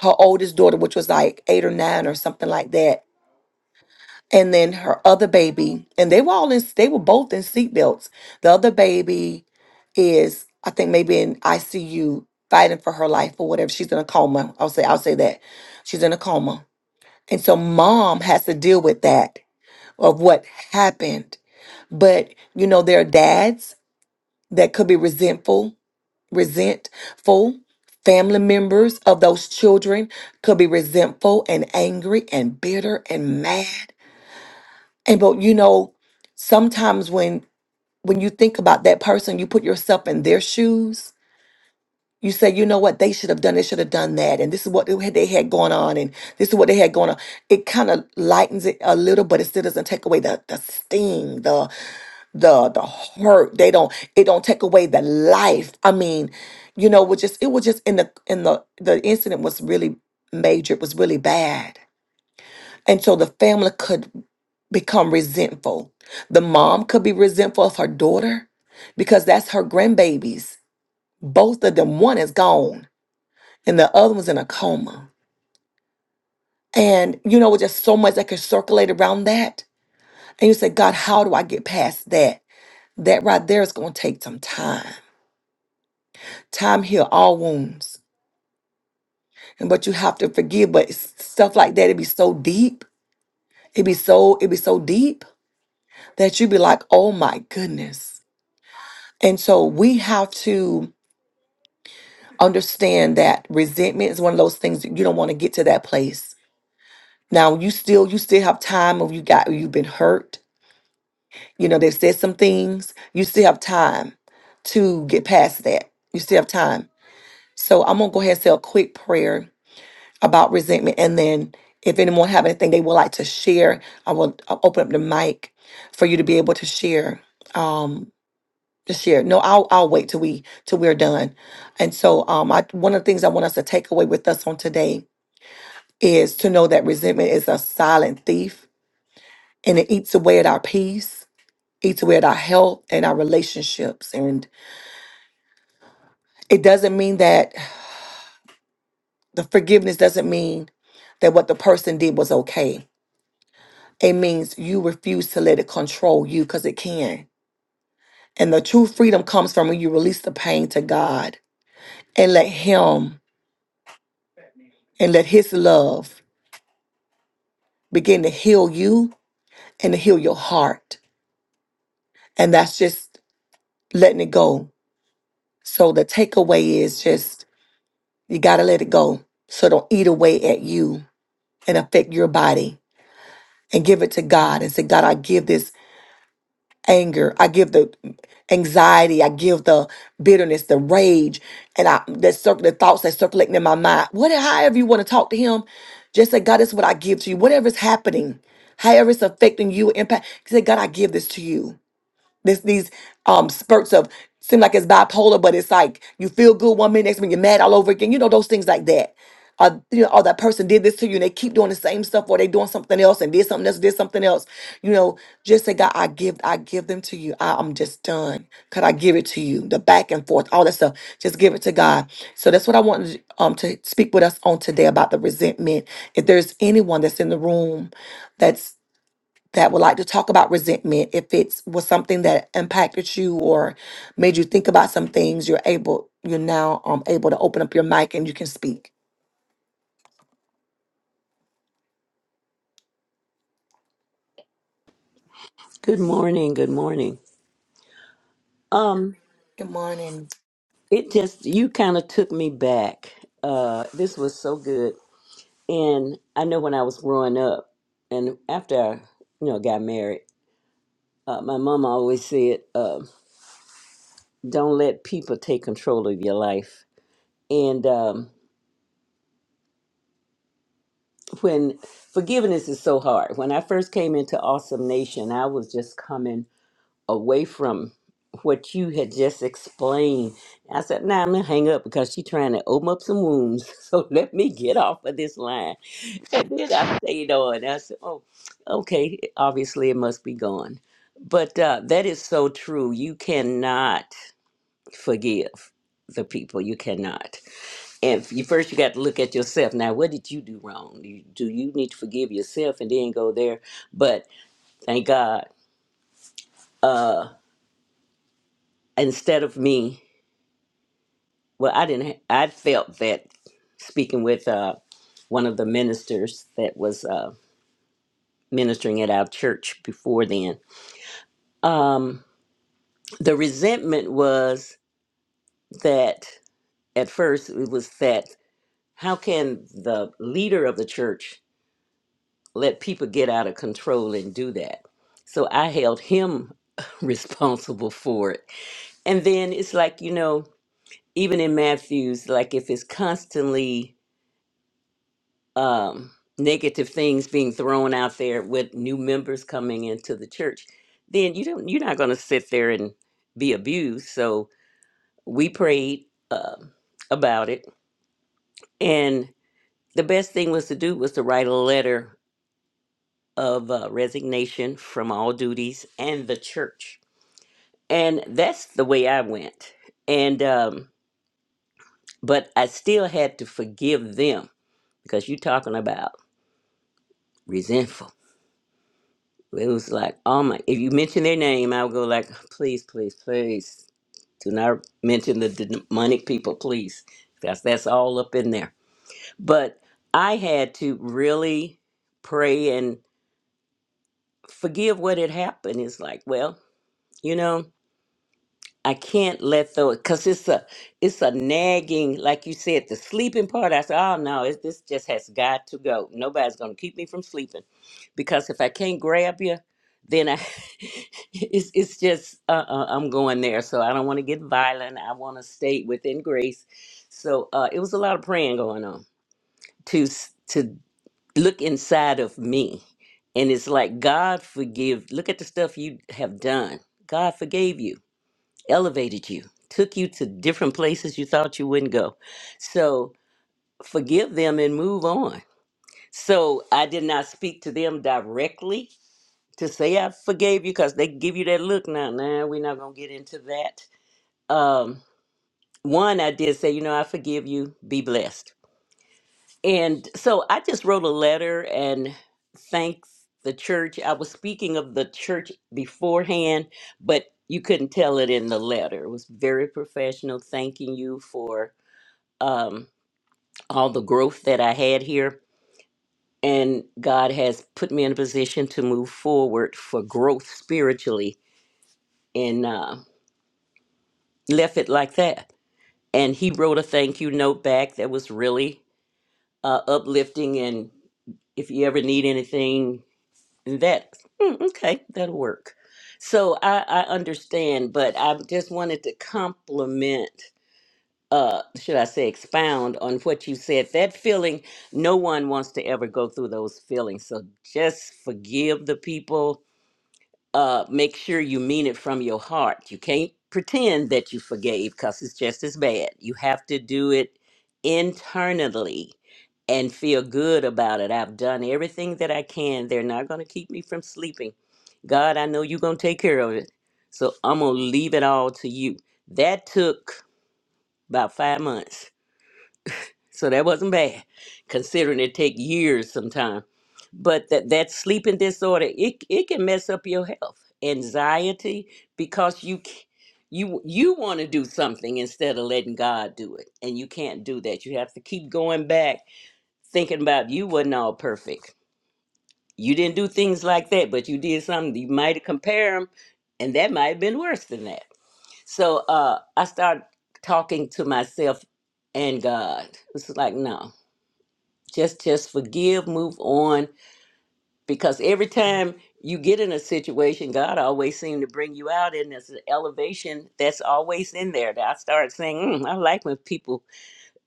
Speaker 1: her oldest daughter, which was like eight or nine or something like that. And then her other baby, and they were all in, they were both in seatbelts. The other baby is I think maybe in ICU fighting for her life or whatever. She's in a coma. I'll say I'll say that. She's in a coma. And so mom has to deal with that of what happened. But you know, there are dads that could be resentful, resentful. Family members of those children could be resentful and angry and bitter and mad. And but you know, sometimes when when you think about that person, you put yourself in their shoes You say, you know what, they should have done, they should have done that. And this is what they had they had going on, and this is what they had going on. It kind of lightens it a little, but it still doesn't take away the, the sting, the the the hurt. They don't it don't take away the life. I mean, you know, was just it was just in the in the the incident was really major, it was really bad. And so the family could become resentful. The mom could be resentful of her daughter because that's her grandbabies. Both of them, one is gone and the other one's in a coma. And you know, with just so much that could circulate around that. And you say, God, how do I get past that? That right there is going to take some time. Time heal all wounds. And but you have to forgive. But s- stuff like that, it be so deep. it be so, it be so deep that you be like, oh my goodness. And so we have to understand that resentment is one of those things that you don't want to get to that place. Now you still you still have time if you got you've been hurt You know, they've said some things. You still have time to get past that. You still have time. So I'm gonna go ahead and say a quick prayer about resentment, and then if anyone have anything they would like to share, I will I'll open up the mic for you to be able to share. Um, to share. No, I'll I'll wait till we till we're done. And so, um, I one of the things I want us to take away with us on today is to know that resentment is a silent thief, and it eats away at our peace, eats away at our health and our relationships, it doesn't mean that the forgiveness doesn't mean that what the person did was okay. It means you refuse to let it control you because it can. And the true freedom comes from when you release the pain to God and let Him and let His love begin to heal you and to heal your heart. And that's just letting it go. So the takeaway is just you got to let it go. So don't eat away at you and affect your body and give it to God and say, God, I give this anger. I give the anxiety. I give the bitterness, the rage, and I that circle the thoughts that circulating in my mind. Whatever, however you want to talk to him, just say, God, this is what I give to you. Whatever is happening, however it's affecting you, impact. Say, God, I give this to you this these um spurts of seem like it's bipolar, but it's like you feel good one minute, next minute you're mad all over again. You know those things like that. Or you know, or that person did this to you, and they keep doing the same stuff, or they doing something else, and did something else, did something else. You know, just say, God, I give, I give them to you. I, I'm just done. Could I give it to you? The back and forth, all that stuff. Just give it to God. So that's what I wanted um to speak with us on today about the resentment. If there's anyone that's in the room, that's that would like to talk about resentment if it was something that impacted you or made you think about some things you're able you're now um able to open up your mic and you can speak
Speaker 4: Good morning. Good morning. Um,
Speaker 1: good morning
Speaker 4: it just you kind of took me back. Uh, this was so good, and I know when I was growing up, and after I, you know, got married, uh, my mom always said, uh, "Don't let people take control of your life." And um, when forgiveness is so hard, when I first came into Awesome Nation, I was just coming away from what you had just explained. I said, nah, I'm gonna hang up because she's trying to open up some wounds. *laughs* So let me get off of this line. And then I stayed on. I said, oh, okay, obviously it must be gone. But uh, that is so true. You cannot forgive the people. You cannot. And f- you first, you got to look at yourself. Now, what did you do wrong? Do you, do you need to forgive yourself and then go there? But thank God, uh, instead of me well i didn't ha- i felt that speaking with uh one of the ministers that was uh ministering at our church before then um the resentment was that at first it was that how can the leader of the church let people get out of control and do that so i held him *laughs* responsible for it and then it's like you know even in matthews like if it's constantly um, negative things being thrown out there with new members coming into the church, then you don't you're not going to sit there and be abused. So we prayed um about it, and the best thing was to do was to write a letter of uh, resignation from all duties and the church, and that's the way I went. And um, but I still had to forgive them because you're talking about resentful It was like, oh my, if you mention their name, I would go like, please, please, please do not mention the demonic people, please. Because that's all up in there. But I had to really pray and forgive what had happened. It's like, well, you know. I can't let those because it's a it's a nagging, like you said, the sleeping part. I said, oh no, it, this just has got to go. Nobody's gonna keep me from sleeping because if I can't grab you, then I *laughs* it's it's just uh, uh, I'm going there. So I don't want to get violent. I want to stay within grace. So uh, it was a lot of praying going on to s- to look inside of me, and it's like God forgive. Look at the stuff you have done. God forgave you elevated you, took you to different places you thought you wouldn't go. So forgive them and move on. So I did not speak to them directly to say I forgave you because they give you that look now. Nah, we're not gonna get into that. Um, one, I did say, you know, I forgive you. Be blessed And so I just wrote a letter and thanks the church. I was speaking of the church beforehand, but you couldn't tell it in the letter. It was very professional, thanking you for um, all the growth that I had here. And God has put me in a position to move forward for growth spiritually and uh, left it like that. And he wrote a thank you note back that was really uh, uplifting. And if you ever need anything, And That mm, okay, that'll work. So I, I understand, but I just wanted to compliment, uh, should I say, expound on what you said. That feeling, no one wants to ever go through those feelings. So just forgive the people uh, make sure you mean it from your heart. You can't pretend that you forgave because it's just as bad. You have to do it internally and feel good about it. I've done everything that I can. They're not going to keep me from sleeping. God, I know you're going to take care of it. So I'm going to leave it all to you. That took about five months so that wasn't bad, considering it take years sometimes. But that that sleeping disorder, it it can mess up your health, anxiety, because you c- you you want to do something instead of letting God do it, and you can't do that. You have to keep going back, thinking about you wasn't all perfect. You didn't do things like that, but you did something. You might have compared them, and that might have been worse than that. So uh, I started talking to myself and God. It's like no just just forgive move on because every time you get in a situation god always seems to bring you out and there's an elevation that's always in there that i start saying mm, i like when people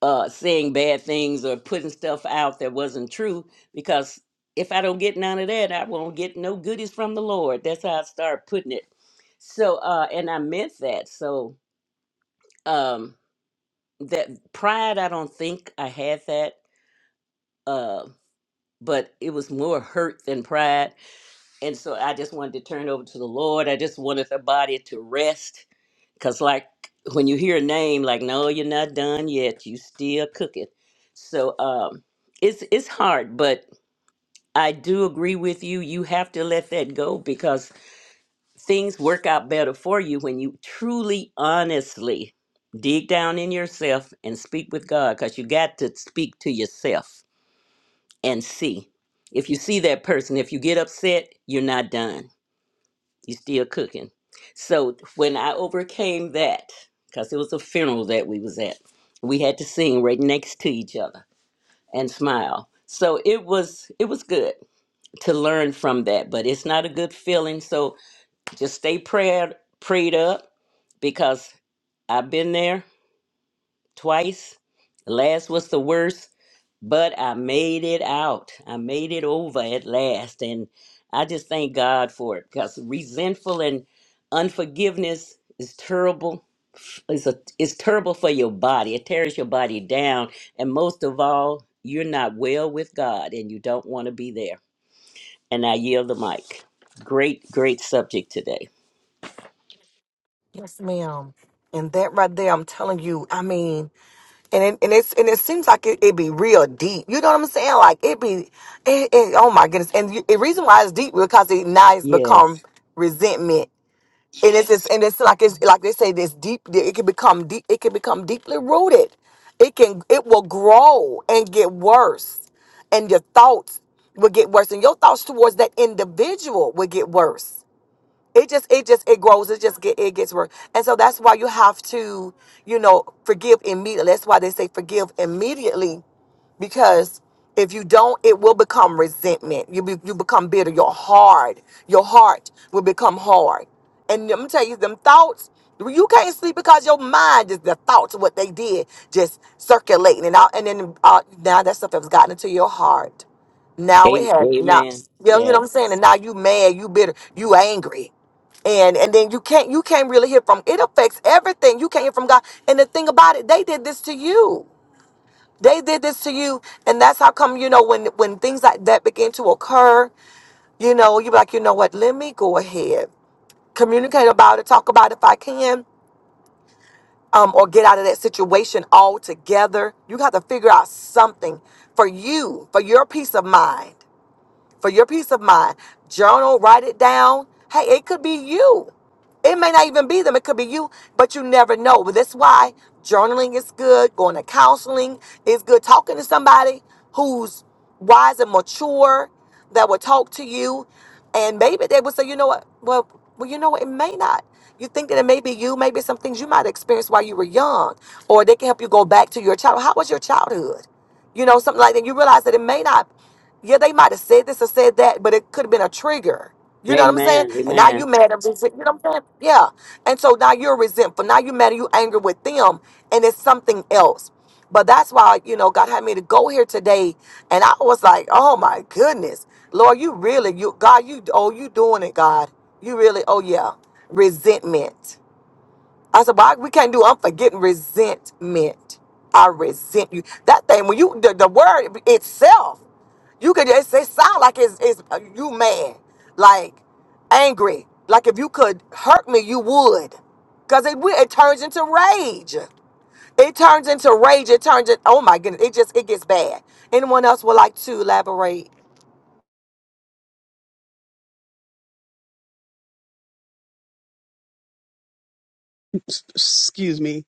Speaker 4: uh saying bad things or putting stuff out that wasn't true because if i don't get none of that i won't get no goodies from the lord that's how i start putting it so uh and i meant that so um that pride i don't think i had that uh but it was more hurt than pride And so I just wanted to turn over to the Lord. I just wanted the body to rest. Because, like, when you hear a name, like, no, you're not done yet, you still cooking. So um, it's, it's hard, but I do agree with you. You have to let that go because things work out better for you when you truly, honestly dig down in yourself and speak with God because you got to speak to yourself and see. If you see that person, if you get upset, you're not done you still cooking. So when I overcame that, because it was a funeral that we was at, we had to sing right next to each other and smile. So it was it was good to learn from that, but it's not a good feeling. So just stay prayed prayed up because I've been there twice. Last was the worst, but I made it out. I made it over at last. And I just thank God for it because resentful and unforgiveness is terrible. It's, a, it's terrible for your body, it tears your body down. And most of all, you're not well with God and you don't want to be there. And I yield the mic. Great, great subject today.
Speaker 1: Yes, ma'am. And that right there, I'm telling you, I mean, and it, and it's and it seems like it, it be real deep. You know what I'm saying? Like it be, it, it, oh my goodness. And you- the reason why it's deep because it now it's become
Speaker 4: Yes.
Speaker 1: resentment and it's, it's and it's like it's like they say this deep it can become deep it can become deeply rooted it can it will grow and get worse and your thoughts will get worse and your thoughts towards that individual will get worse it just it just it grows it just get it gets worse and so that's why you have to you know forgive immediately that's why they say forgive immediately because if you don't it will become resentment you be, you become bitter your hard your heart will become hard and i'm gonna tell you them thoughts you can't sleep because your mind is the thoughts of what they did just circulating and out and then uh, now that stuff has gotten into your heart now it
Speaker 4: A-
Speaker 1: has now
Speaker 4: Amen.
Speaker 1: you know, you know what i'm
Speaker 4: Yes.
Speaker 1: saying and now you mad you bitter you angry and and then you can't you can't really hear from it affects everything you can't hear from god and the thing about it they did this to you they did this to you and that's how come you know when when things like that begin to occur you know you're like you know what let me go ahead communicate about it talk about it if i can um, or get out of that situation altogether you got to figure out something for you for your peace of mind for your peace of mind. Journal, write it down. Hey, it could be you. It may not even be them, it could be you, but you never know. But that's why journaling is good, going to counseling is good, talking to somebody who's wise and mature that will talk to you. And maybe they will say, you know what? Well, well, you know what? It may not. You think that it may be you, maybe some things you might experience while you were young, or they can help you go back to your childhood. How was your childhood? you know, something like that. You realize that it may not. Yeah, they might have said this or said that, but it could have been a trigger. You know what I'm saying?
Speaker 4: Amen.
Speaker 1: And now
Speaker 4: Amen.
Speaker 1: you mad and resent. You know what I'm saying? Yeah. And so now you're resentful. Now you mad and you angry with them, and it's something else. But that's why you know God had me to go here today, and I was like, oh my goodness, Lord, you really, you God, you oh you doing it, God, you really, oh yeah, resentment. I said, well, I, we can't do, I'm forgetting resentment. I resent you. That thing, when you, the, the word itself, you could, it, it sound like it's, it's uh, you mad, like angry. Like if you could hurt me, you would. Because it, wi- it turns into rage. It turns into rage. It turns it, oh my goodness, it just, it gets bad. Anyone else would like to elaborate?
Speaker 5: Excuse me.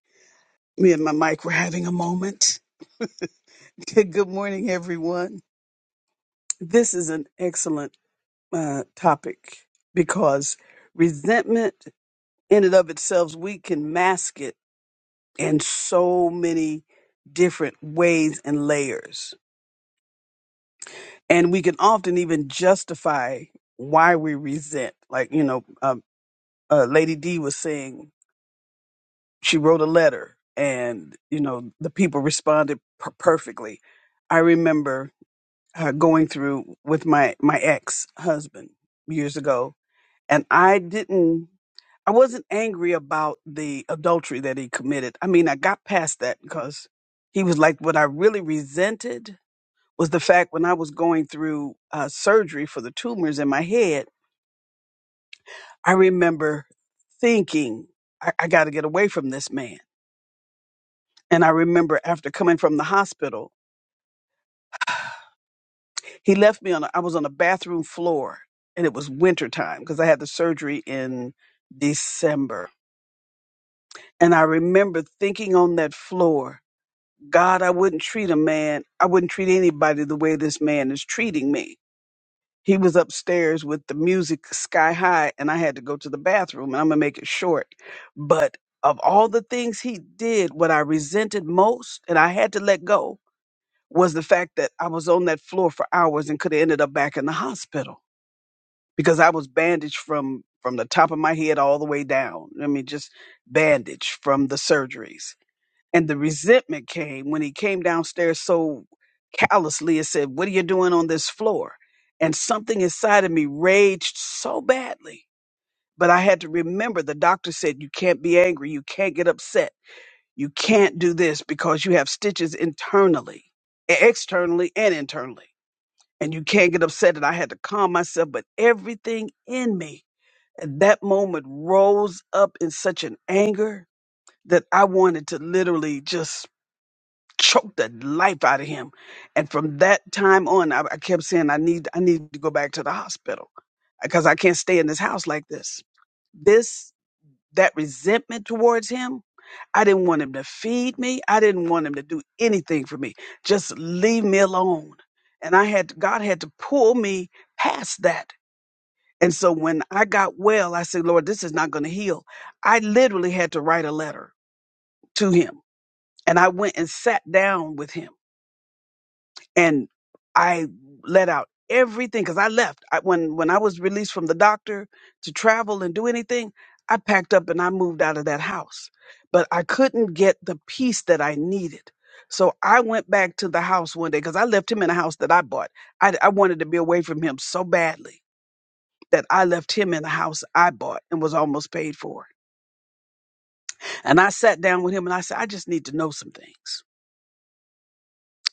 Speaker 5: Me and my mic were having a moment. *laughs* Good morning, everyone. This is an excellent uh, topic because resentment, in and of itself, we can mask it in so many different ways and layers. And we can often even justify why we resent. Like, you know, um, uh, Lady D was saying she wrote a letter and you know the people responded per- perfectly i remember uh, going through with my my ex husband years ago and i didn't i wasn't angry about the adultery that he committed i mean i got past that because he was like what i really resented was the fact when i was going through uh, surgery for the tumors in my head i remember thinking i, I got to get away from this man And I remember after coming from the hospital, he left me on, a, I was on a bathroom floor and it was wintertime because I had the surgery in December. And I remember thinking on that floor, God, I wouldn't treat a man, I wouldn't treat anybody the way this man is treating me. He was upstairs with the music sky high and I had to go to the bathroom and I'm going to make it short. But of all the things he did, what I resented most and I had to let go was the fact that I was on that floor for hours and could have ended up back in the hospital because I was bandaged from from the top of my head all the way down. I mean, just bandaged from the surgeries. And the resentment came when he came downstairs so callously and said, "What are you doing on this floor?" And something inside of me raged so badly. But I had to remember the doctor said, "You can't be angry. You can't get upset. You can't do this because you have stitches internally, e, externally, and internally." and you can't get upset and I had to calm myself, but everything in me at that moment rose up in such an anger that I wanted to literally just choke the life out of him. And from that time on, I, I kept saying, I need, I need to go back to the hospital because I can't stay in this house like this. This that resentment towards him. I didn't want him to feed me. I didn't want him to do anything for me. Just leave me alone. And I had God had to pull me past that. And so when I got well, I said, Lord, this is not going to heal. I literally had to write a letter to him. And I went and sat down with him and I let out everything because I left I, when when I was released from the doctor to travel and do anything. I packed up and I moved out of that house, but I couldn't get the peace that I needed. So I went back to the house one day because I left him in a house that I bought. I, I wanted to be away from him so badly that I left him in the house I bought and was almost paid for. And I sat down with him and I said, I just need to know some things.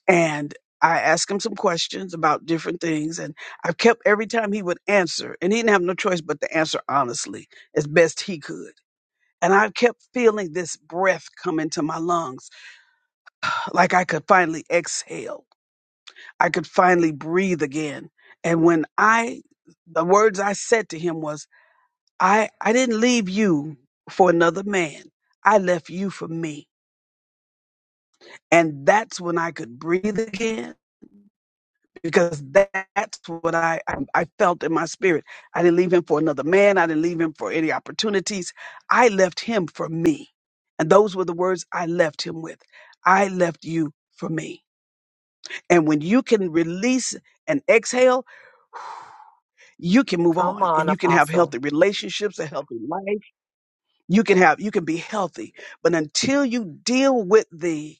Speaker 5: and I asked him some questions about different things, and I kept every time he would answer, and he didn't have no choice but to answer honestly as best he could. And I kept feeling this breath come into my lungs, *sighs* like I could finally exhale. I could finally breathe again. And when I, the words I said to him was, I, I didn't leave you for another man. I left you for me. And that's when I could breathe again because that's what I, I I felt in my spirit. I didn't leave him for another man. I didn't leave him for any opportunities. I left him for me, and those were the words I left him with. I left you for me. And when you can release and exhale, you can move
Speaker 1: Come
Speaker 5: on,
Speaker 1: on,
Speaker 5: and you can have
Speaker 1: Apostle.
Speaker 5: healthy relationships, a healthy life you can have you can be healthy but until you deal with the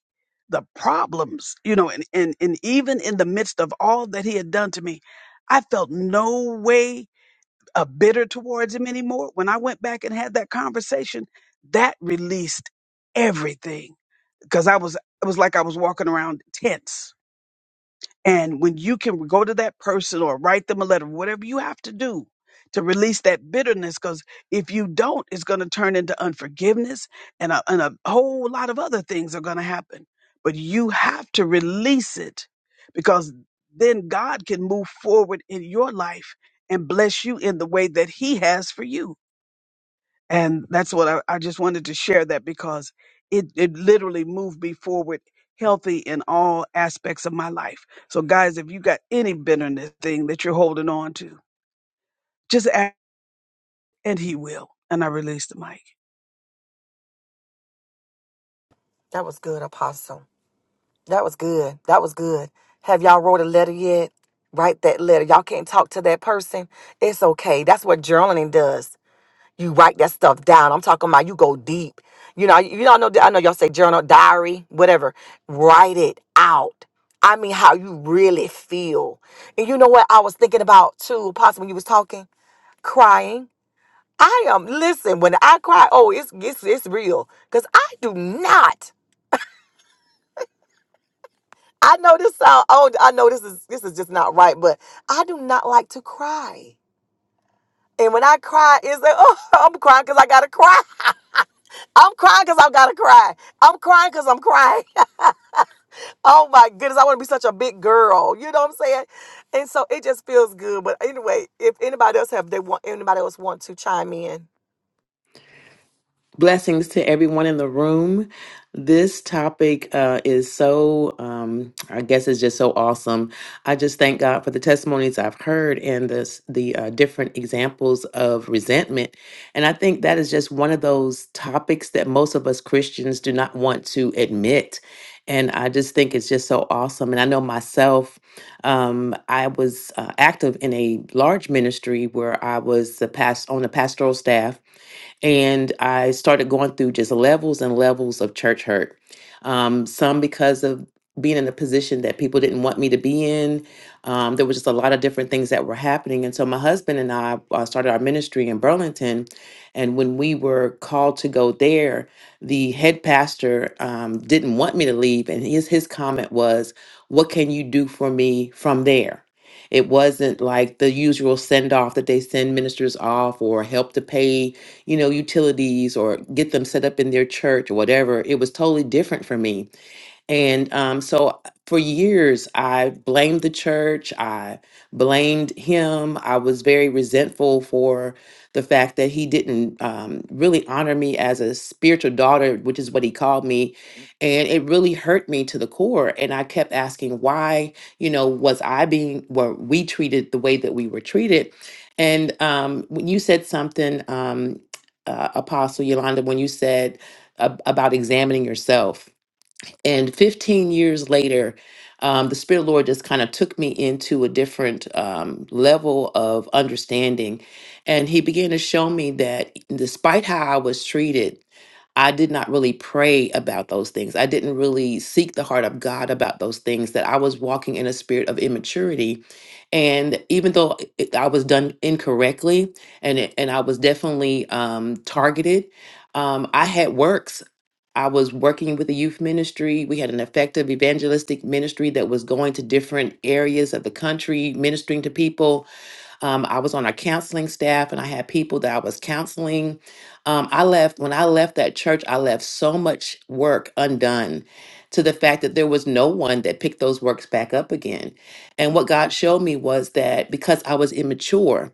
Speaker 5: the problems you know and and, and even in the midst of all that he had done to me i felt no way uh, bitter towards him anymore when i went back and had that conversation that released everything because i was it was like i was walking around tense and when you can go to that person or write them a letter, whatever you have to do to release that bitterness, because if you don't, it's going to turn into unforgiveness and a, and a whole lot of other things are going to happen. But you have to release it because then God can move forward in your life and bless you in the way that He has for you. And that's what I, I just wanted to share that because it, it literally moved me forward healthy in all aspects of my life. So, guys, if you got any bitterness thing that you're holding on to, just ask, and He will. And I release the mic.
Speaker 1: That was good, Apostle. That was good. That was good. Have y'all wrote a letter yet? Write that letter. Y'all can't talk to that person. It's okay. That's what journaling does. You write that stuff down. I'm talking about you go deep. You know, you all know that- I know y'all say journal, diary, whatever. Write it out. I mean how you really feel. And you know what I was thinking about too, possibly when you was talking? Crying. I am listen, when I cry, oh, it's it's it's real. Cause I do not I know this sound old. I know this is this is just not right, but I do not like to cry. And when I cry, it's like, oh, *laughs* I'm crying because I gotta cry. *laughs* I'm crying because i gotta cry. I'm crying because I'm crying. *laughs* oh my goodness, I want to be such a big girl. You know what I'm saying? And so it just feels good. But anyway, if anybody else have they want anybody else want to chime in,
Speaker 6: Blessings to everyone in the room. This topic uh, is so, um, I guess, it's just so awesome. I just thank God for the testimonies I've heard and this, the uh, different examples of resentment. And I think that is just one of those topics that most of us Christians do not want to admit. And I just think it's just so awesome. And I know myself, um, I was uh, active in a large ministry where I was the past on the pastoral staff and I started going through just levels and levels of church hurt. Um, some because of being in a position that people didn't want me to be in. Um, there was just a lot of different things that were happening. And so my husband and I uh, started our ministry in Burlington. And when we were called to go there, the head pastor um, didn't want me to leave. And his, his comment was, What can you do for me from there? It wasn't like the usual send off that they send ministers off or help to pay you know, utilities or get them set up in their church or whatever. It was totally different for me. And um, so for years, I blamed the church. I blamed him. I was very resentful for the fact that he didn't um, really honor me as a spiritual daughter, which is what he called me. And it really hurt me to the core. And I kept asking why, you know, was I being, were we treated the way that we were treated? And um, when you said something, um, uh, Apostle Yolanda, when you said, ab- about examining yourself and 15 years later um, the spirit of the lord just kind of took me into a different um, level of understanding and he began to show me that despite how i was treated I did not really pray about those things. I didn't really seek the heart of God about those things, that I was walking in a spirit of immaturity. And even though it, I was done incorrectly and, it, and I was definitely um, targeted, um, I had works. I was working with the youth ministry. We had an effective evangelistic ministry that was going to different areas of the country, ministering to people. Um, I was on our counseling staff and I had people that I was counseling. Um, I left, when I left that church, I left so much work undone to the fact that there was no one that picked those works back up again. And what God showed me was that because I was immature,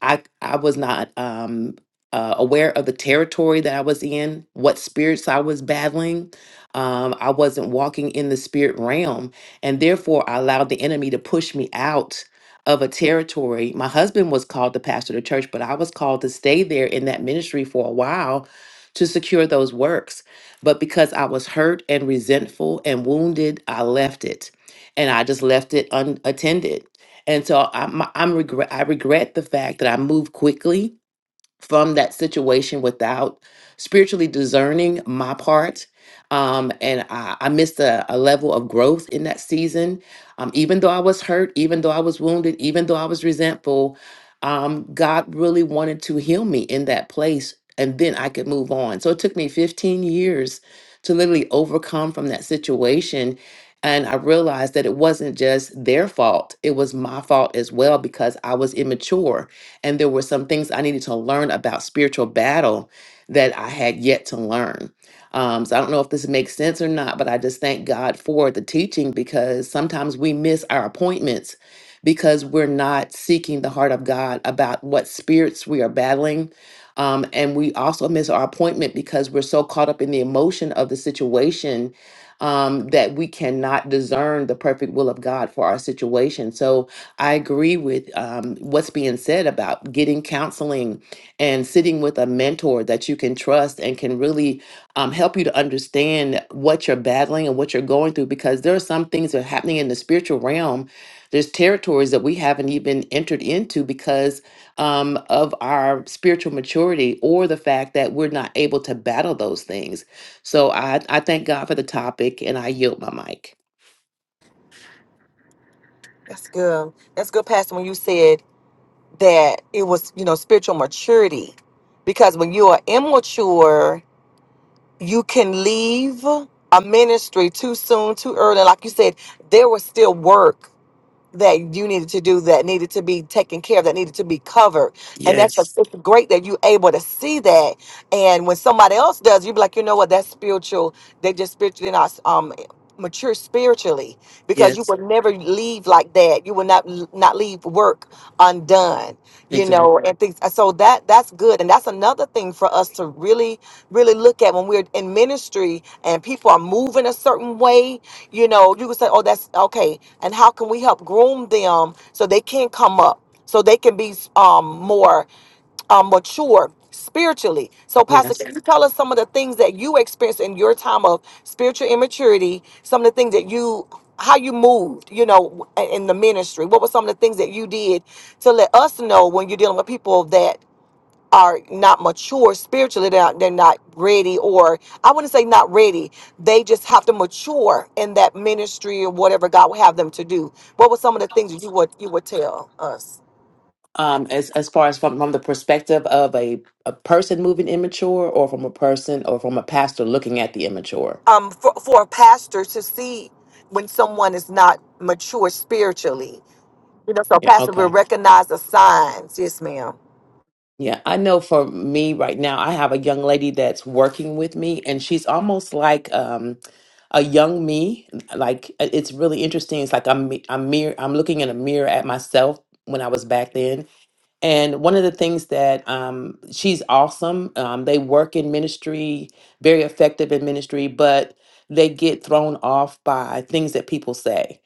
Speaker 6: I I was not um, uh, aware of the territory that I was in, what spirits I was battling. Um, I wasn't walking in the spirit realm, and therefore I allowed the enemy to push me out of a territory. My husband was called to pastor the church, but I was called to stay there in that ministry for a while to secure those works. But because I was hurt and resentful and wounded, I left it, and I just left it unattended. And so I'm, I'm regret, I regret the fact that I moved quickly from that situation without spiritually discerning my part. Um, and I, I missed a, a level of growth in that season. Um, even though I was hurt, even though I was wounded, even though I was resentful, um, God really wanted to heal me in that place and then I could move on. So it took me 15 years to literally overcome from that situation. And I realized that it wasn't just their fault, it was my fault as well because I was immature and there were some things I needed to learn about spiritual battle that I had yet to learn. Um, so I don't know if this makes sense or not, but I just thank God for the teaching because sometimes we miss our appointments because we're not seeking the heart of God about what spirits we are battling. Um, and we also miss our appointment because we're so caught up in the emotion of the situation um, that we cannot discern the perfect will of God for our situation. So, I agree with um, what's being said about getting counseling and sitting with a mentor that you can trust and can really um, help you to understand what you're battling and what you're going through. Because there are some things that are happening in the spiritual realm. There's territories that we haven't even entered into because um, of our spiritual maturity or the fact that we're not able to battle those things. So I, I thank God for the topic and I yield my mic.
Speaker 1: that's good. That's good, Pastor. When you said that it was, you know, spiritual maturity, because when you are immature you can leave a ministry too soon, too early. Like you said, there was still work that you needed to do that needed to be taken care of that needed to be covered and that's
Speaker 6: Yes.
Speaker 1: it's great that you're able to see that and when somebody else does you be like you know what that's spiritual they just spiritually not um mature spiritually because you
Speaker 6: Yes.
Speaker 1: will never leave like that you will not not leave work undone you know
Speaker 6: Exactly.
Speaker 1: and things uh, so that that's good and that's another thing for us to really really look at when we're in ministry and people are moving a certain way, you know, you can say, oh, that's okay. And how can we help groom them so they can come up, so they can be um, more um, mature spiritually. So, Pastor, can you tell us some of the things that you experienced in your time of spiritual immaturity? Some of the things that you, how you moved, you know, in the ministry. What were some of the things that you did to let us know when you're dealing with people that are not mature spiritually they're not, they're not ready or i wouldn't say not ready they just have to mature in that ministry or whatever god would have them to do what were some of the things that you would you would tell us
Speaker 6: um as as far as from, from the perspective of a a person moving immature or from a person or from a pastor looking at the immature
Speaker 1: um for, for a pastor to see when someone is not mature spiritually you know so a
Speaker 6: yeah
Speaker 1: pastor will
Speaker 6: okay
Speaker 1: recognize the signs yes ma'am
Speaker 6: yeah i know for me right now i have a young lady that's working with me and she's almost like um a young me like it- it's really interesting it's like i'm me- i'm mirror i'm looking in a mirror at myself when i was back then And one of the things that um, she's awesome. Um, they work in ministry, very effective in ministry, but they get thrown off by things that people say.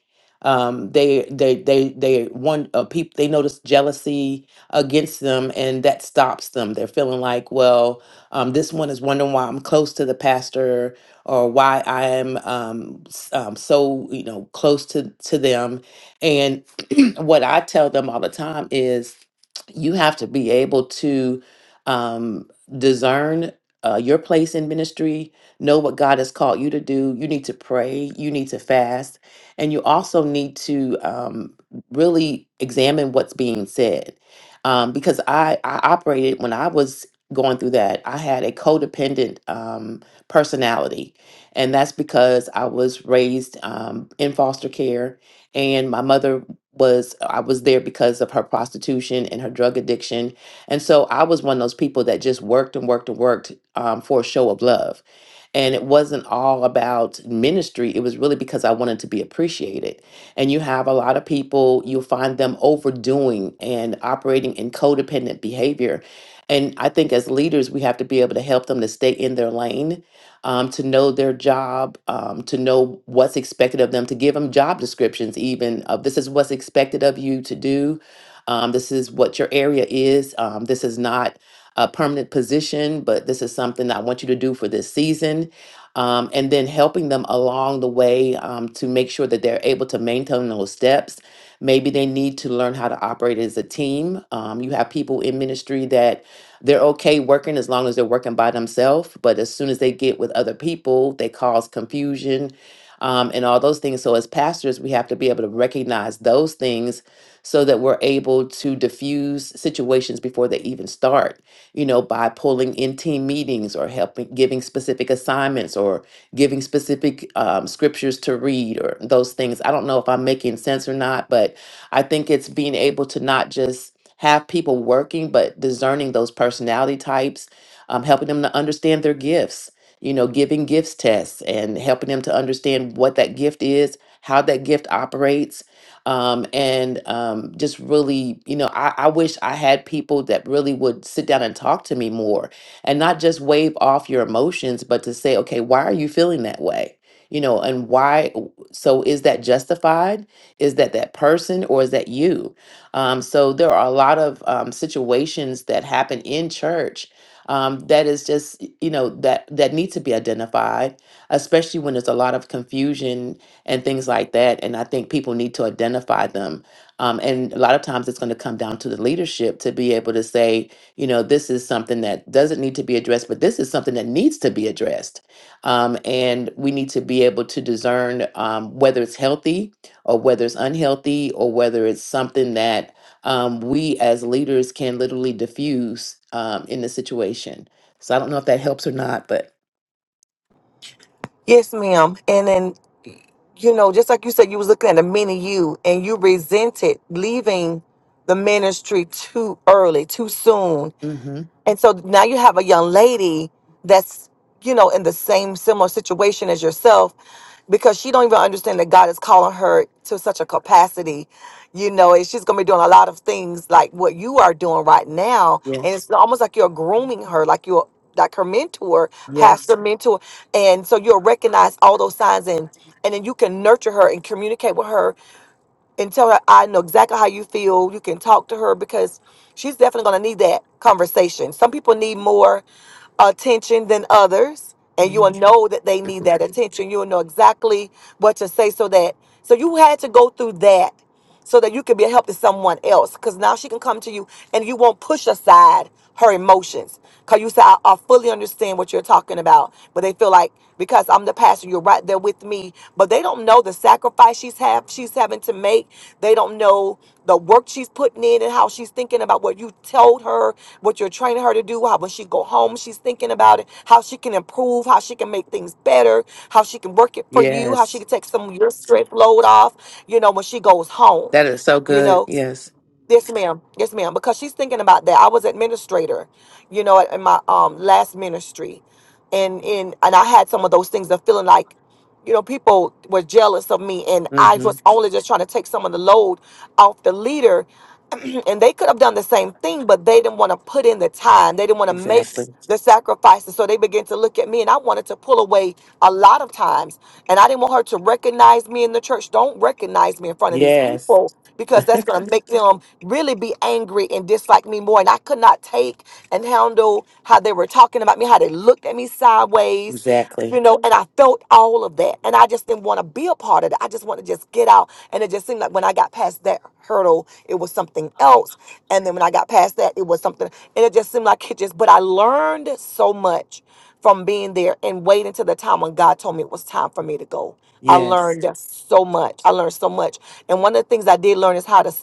Speaker 6: Um, they they they they one uh, people they notice jealousy against them, and that stops them. They're feeling like, well, um, this one is wondering why I'm close to the pastor or why I am um, s- um, so you know close to to them. And *clears throat* what I tell them all the time is you have to be able to um, discern uh, your place in ministry, know what God has called you to do. You need to pray, you need to fast, and you also need to um, really examine what's being said. Um, because I, I operated when I was going through that, I had a codependent um, personality. And that's because I was raised um, in foster care, and my mother was uh, I was there because of her prostitution and her drug addiction. And so I was one of those people that just worked and worked and worked um, for a show of love. And it wasn't all about ministry. It was really because I wanted to be appreciated. And you have a lot of people, you'll find them overdoing and operating in codependent behavior. And I think as leaders, we have to be able to help them to stay in their lane um, to know their job, um, to know what's expected of them, to give them job descriptions, even of this is what's expected of you to do. Um, this is what your area is. Um, this is not a permanent position, but this is something I want you to do for this season. Um, and then helping them along the way um, to make sure that they're able to maintain those steps. Maybe they need to learn how to operate as a team. Um, you have people in ministry that they're okay working as long as they're working by themselves. But as soon as they get with other people, they cause confusion um, and all those things. So, as pastors, we have to be able to recognize those things so that we're able to diffuse situations before they even start, you know, by pulling in team meetings or helping, giving specific assignments or giving specific um, scriptures to read or those things. I don't know if I'm making sense or not, but I think it's being able to not just have people working, but discerning those personality types, um, helping them to understand their gifts, you know, giving gifts tests and helping them to understand what that gift is, how that gift operates. Um, and um, just really, you know, I, I wish I had people that really would sit down and talk to me more and not just wave off your emotions, but to say, okay, why are you feeling that way? You know, and why? So is that justified? Is that that person or is that you? Um, so there are a lot of um, situations that happen in church um, that is just y- you know that that need to be identified, especially when there's a lot of confusion and things like that. And I think people need to identify them. Um, and a lot of times it's going to come down to the leadership to be able to say, you know, this is something that doesn't need to be addressed, but this is something that needs to be addressed. Um, and we need to be able to discern um, whether it's healthy or whether it's unhealthy or whether it's something that um, we as leaders can literally diffuse um, in the situation. So I don't know if that helps or not, but
Speaker 1: yes ma'am and then you know just like you said you was looking at a mini you and you resented leaving the ministry too early, too soon,
Speaker 6: hmm
Speaker 1: And so now you have a young lady that's, you know, in the same similar situation as yourself because she don't even understand that God is calling her to such a capacity. You know, and she's gonna be doing a lot of things like what you are doing right now. And
Speaker 6: yes,
Speaker 1: it's almost like you're grooming her, like you're like her mentor,
Speaker 6: yes,
Speaker 1: pastor mentor. And so you'll recognize all those signs and and then you can nurture her and communicate with her and tell her I know exactly how you feel. You can talk to her because she's definitely going to need that conversation. Some people need more attention than others, and
Speaker 6: yeah,
Speaker 1: you'll know that they need that attention. You'll know exactly what to say so that so you had to go through that so that you can be a help to someone else. Because now she can come to you and you won't push aside her emotions. Because you say, I, I fully understand what you're talking about. But they feel like, because I'm the pastor, you're right there with me. But they don't know the sacrifice she's, have, she's having to make. They don't. They don't know the work she's putting in and how she's thinking about what you told her, what you're training her to do, how when she go home, she's thinking about it, how she can improve, how she can make things better, how she can work it for you, how she
Speaker 6: yes,
Speaker 1: can take some of your stress load off, you know, when she goes home.
Speaker 6: that is so
Speaker 1: You
Speaker 6: good.
Speaker 1: know,
Speaker 6: Yes,
Speaker 1: Yes, ma'am. Yes, ma'am. Because she's thinking about that. I was administrator, you know, in my um last ministry, and in and I had some of those things of feeling like, you know, people were jealous of me, and I
Speaker 6: hmm
Speaker 1: was only just trying to take some of the load off the leader, *clears throat* and they could have done the same thing, but they didn't want to put in the time. They didn't want to make
Speaker 6: exactly.
Speaker 1: the sacrifices. So they began to look at me, and I wanted to pull away a lot of times. And I didn't want her to recognize me in the church. Don't recognize me in front of these
Speaker 6: Yes,
Speaker 1: people because that's going to make them really be angry and dislike me more. And I could not take and handle how they were talking about me, how they looked at me sideways
Speaker 6: exactly.
Speaker 1: you know, and I felt all of that. And I just didn't want to be a part of that. I just wanted to just get out. And it just seemed like when I got past that hurdle, it was something else. And then when I got past that, it was something. And it just seemed like it just, but I learned so much from being there and waiting till the time when God told me it was time for me to go. I
Speaker 6: Yes,
Speaker 1: learned so much. I learned so much. And one of the things I did learn is how to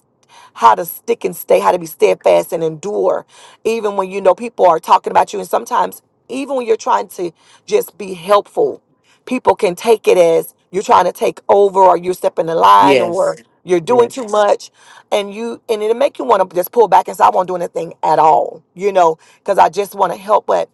Speaker 1: how to stick and stay, how to be steadfast and endure, even when you know people are talking about you. And sometimes, even when you're trying to just be helpful, people can take it as you're trying to take over or you're stepping the line or
Speaker 6: yes,
Speaker 1: you're doing too
Speaker 6: yes.
Speaker 1: much and you and it'll make you want to just pull back and say i won't do anything at all you know because i just want to help but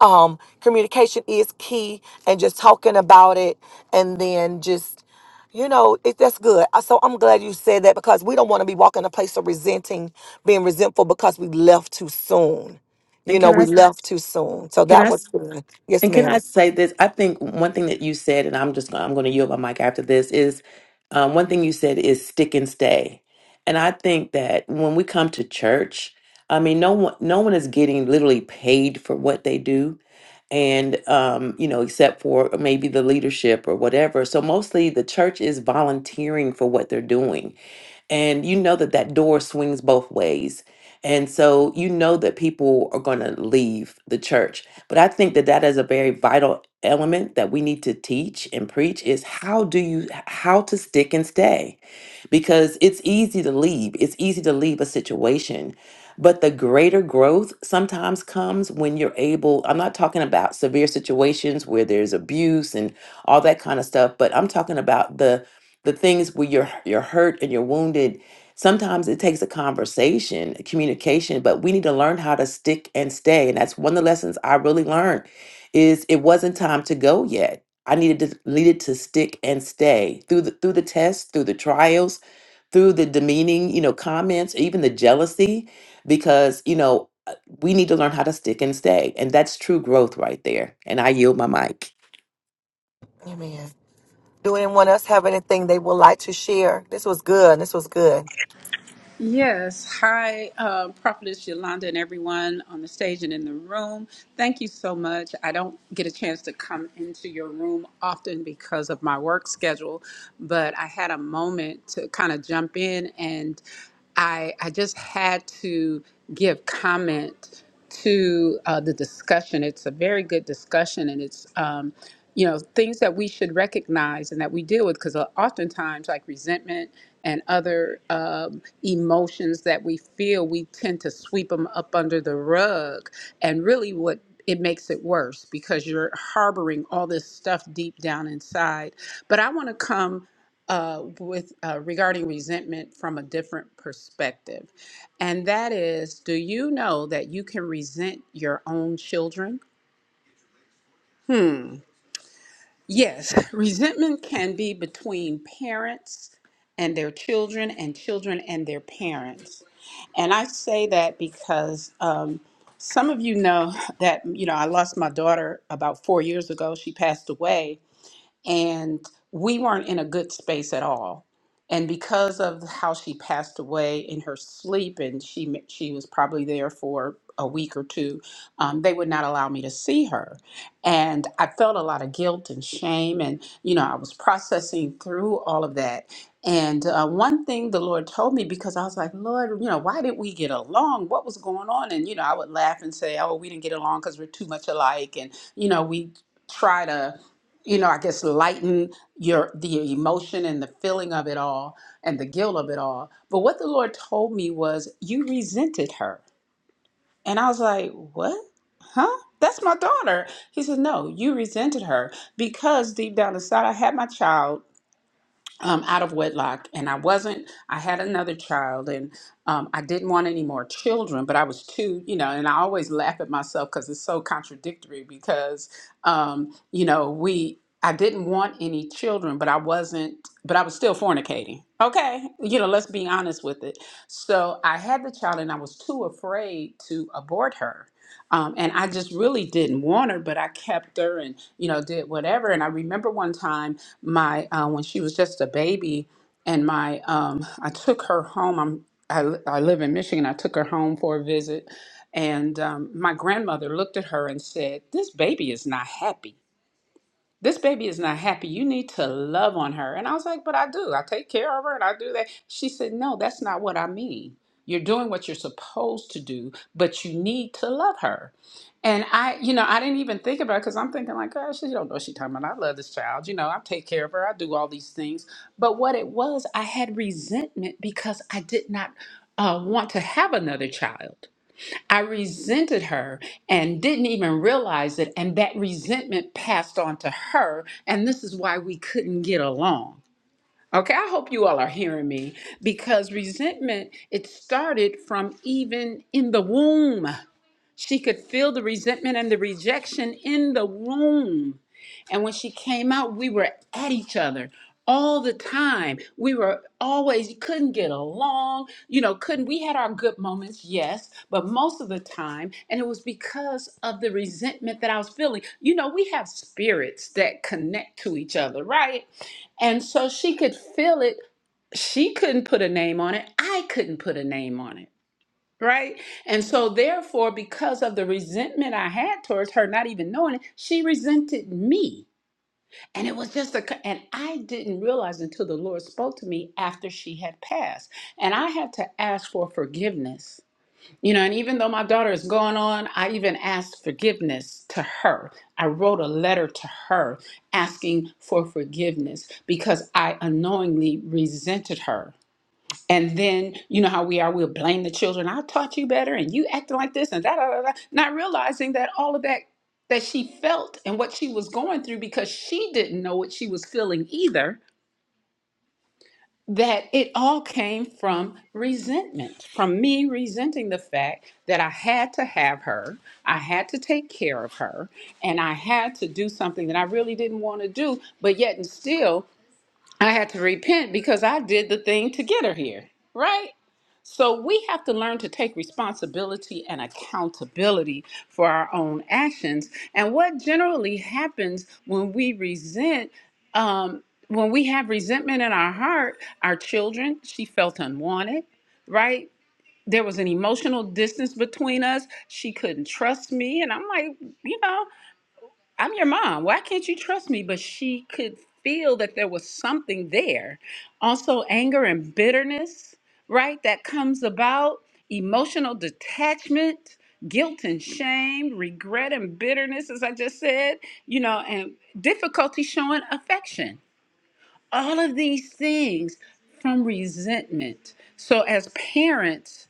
Speaker 1: um, communication is key and just talking about it and then just you know it, that's good Uh, so i'm glad you said that because we don't want to be walking in a place of resenting being resentful because we left too soon you
Speaker 6: And
Speaker 1: know
Speaker 6: can I?
Speaker 1: we Mhm. left too soon so
Speaker 6: Can
Speaker 1: that
Speaker 6: I?
Speaker 1: was good yes
Speaker 6: And can I
Speaker 1: ma'am
Speaker 6: say this? I think one thing that you said, and I'm just gonna, I'm going to yield my mic after this is um, one thing you said is stick and stay, and I think that when we come to church, I mean, no one no one is getting literally paid for what they do, and um, you know, except for maybe the leadership or whatever. So mostly the church is volunteering for what they're doing, and you know that that door swings both ways and so you know that people are going to leave the church but i think that that is a very vital element that we need to teach and preach is how do you how to stick and stay because it's easy to leave. It's easy to leave a situation. But the greater growth sometimes comes when you're able, I'm not talking about severe situations where there's abuse and all that kind of stuff, but I'm talking about the the things where you're you're hurt and you're wounded. Sometimes it takes a conversation, a communication, but we need to learn how to stick and stay. And that's one of the lessons I really learned is it wasn't time to go yet. I needed to needed to stick and stay through the through the tests, through the trials, through the demeaning, you know, comments, even the jealousy, because, you know, uh, we need to learn how to stick and stay. And that's true growth right there. And I yield my mic.
Speaker 1: amen do anyone else have anything they would like to share this was good this was good
Speaker 7: Yes. Hi, uh, Prophetess Yolanda and everyone on the stage and in the room. Thank you so much. I don't get a chance to come into your room often because of my work schedule, but I had a moment to kind of jump in and I, I just had to give comment to uh, the discussion. It's a very good discussion and it's um, you know things that we should recognize and that we deal with because oftentimes like resentment and other um, emotions that we feel we tend to sweep them up under the rug and really what it makes it worse because you're harboring all this stuff deep down inside but i want to come uh, with uh, regarding resentment from a different perspective and that is do you know that you can resent your own children Yes, resentment can be between parents and their children, and children and their parents. And I say that because um, some of you know *laughs* that, you know, I lost my daughter about four years ago. She passed away and we weren't in a good space at all. And because of how she passed away in her sleep, and she ma- she was probably there for a week or two, um, they would not allow me to see her, and I felt a lot of guilt and shame, and you know I was processing through all of that. And uh, one thing the Lord told me because I was like, Lord, you know, why did we get along? What was going on? And you know, I would laugh and say, Oh, we didn't get along because we're too much alike, and you know, we try to you know, I guess lighten your the emotion and the feeling of it all and the guilt of it all. But what the Lord told me was you resented her. And I was like, "What? Huh? That's my daughter." He said, "No, you resented her because deep down inside I had my child um, out of wedlock, and I wasn't. I had another child, and um, I didn't want any more children, but I was too, you know. And I always laugh at myself because it's so contradictory. Because um, you know, we I didn't want any children, but I wasn't. But I was still fornicating. Okay, you know, let's be honest with it. So I had the child, and I was too afraid to abort her. Um, and I just really didn't want her, but I kept her and, you know, did whatever. And I remember one time my uh, when she was just a baby, and my um, I took her home. I'm I, li- I live in Michigan. I took her home for a visit, and um, my grandmother looked at her and said, "This baby is not happy." this baby is not happy. You need to love on her. And I was like, but I do. I take care of her and I do that. She said, no, that's not what I mean. You're doing what you're supposed to do, but you need to love her. And I, you know, I didn't even think about it because I'm thinking like, oh, she don't know what she's talking about. I love this child. You know, I take care of her. I do all these things. But what it was, I had resentment because I did not uh, want to have another child. I resented her and didn't even realize it. And that resentment passed on to her. And this is why we couldn't get along. Okay, I hope you all are hearing me because resentment, it started from even in the womb. She could feel the resentment and the rejection in the room. And when she came out, we were at each other all the time. We were always couldn't get along, you know, couldn't we had our good moments, yes, but most of the time, and it was because of the resentment that I was feeling. You know, we have spirits that connect to each other, right? And so she could feel it. She couldn't put a name on it. I couldn't put a name on it. Right. And so, therefore, because of the resentment I had towards her, not even knowing it, she resented me. And it was just a, c- and I didn't realize until the Lord spoke to me after she had passed. And I had to ask for forgiveness. You know, and even though my daughter is going on, I even asked forgiveness to her. I wrote a letter to her asking for forgiveness because I unknowingly resented her and then you know how we are, we'll blame the children. I taught you better and you acting like this and da da da da, not realizing that all of that that she felt and what she was going through because she didn't know what she was feeling either, that it all came from resentment, from me resenting the fact that I had to have her, I had to take care of her, and I had to do something that I really didn't want to do, but yet and still I had to repent because I did the thing to get her here. Right? So we have to learn to take responsibility and accountability for our own actions. And what generally happens when we resent, um, when we have resentment in our heart, our children, she felt unwanted, right? There was an emotional distance between us. She couldn't trust me. And I'm like, you know. I'm your mom. Why can't you trust me? But she could feel that there was something there. Also, anger and bitterness, right? That comes about, emotional detachment, guilt and shame, regret and bitterness, as I just said, you know, and difficulty showing affection. All of these things from resentment. So, as parents,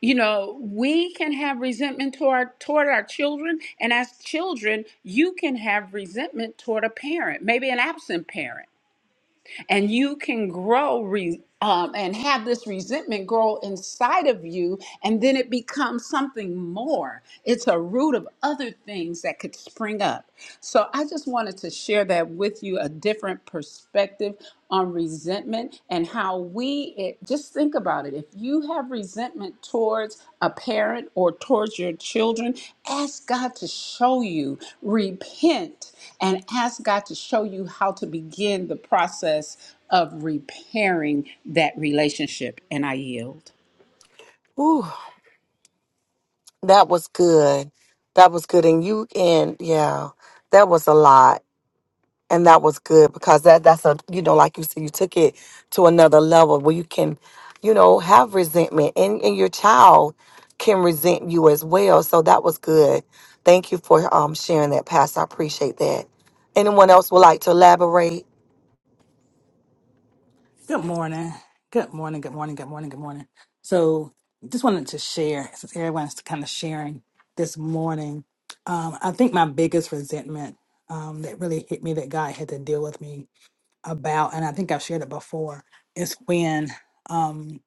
Speaker 7: you know we can have resentment toward toward our children and as children you can have resentment toward a parent maybe an absent parent and you can grow re, um, and have this resentment grow inside of you and then it becomes something more it's a root of other things that could spring up so i just wanted to share that with you a different perspective on resentment and how we it, just think about it. If you have resentment towards a parent or towards your children, ask God to show you, repent, and ask God to show you how to begin the process of repairing that relationship. And I yield.
Speaker 1: Ooh, that was good that was good and you and yeah that was a lot and that was good because that that's a you know like you said you took it to another level where you can you know have resentment and, and your child can resent you as well so that was good thank you for um sharing that pastor i appreciate that anyone else would like to elaborate
Speaker 8: Good morning. Good morning. Good morning. Good morning. Good morning. So, just wanted to share since everyone's kind of sharing this morning. Um, I think my biggest resentment um, that really hit me that God had to deal with me about, and I think I've shared it before, is when. um,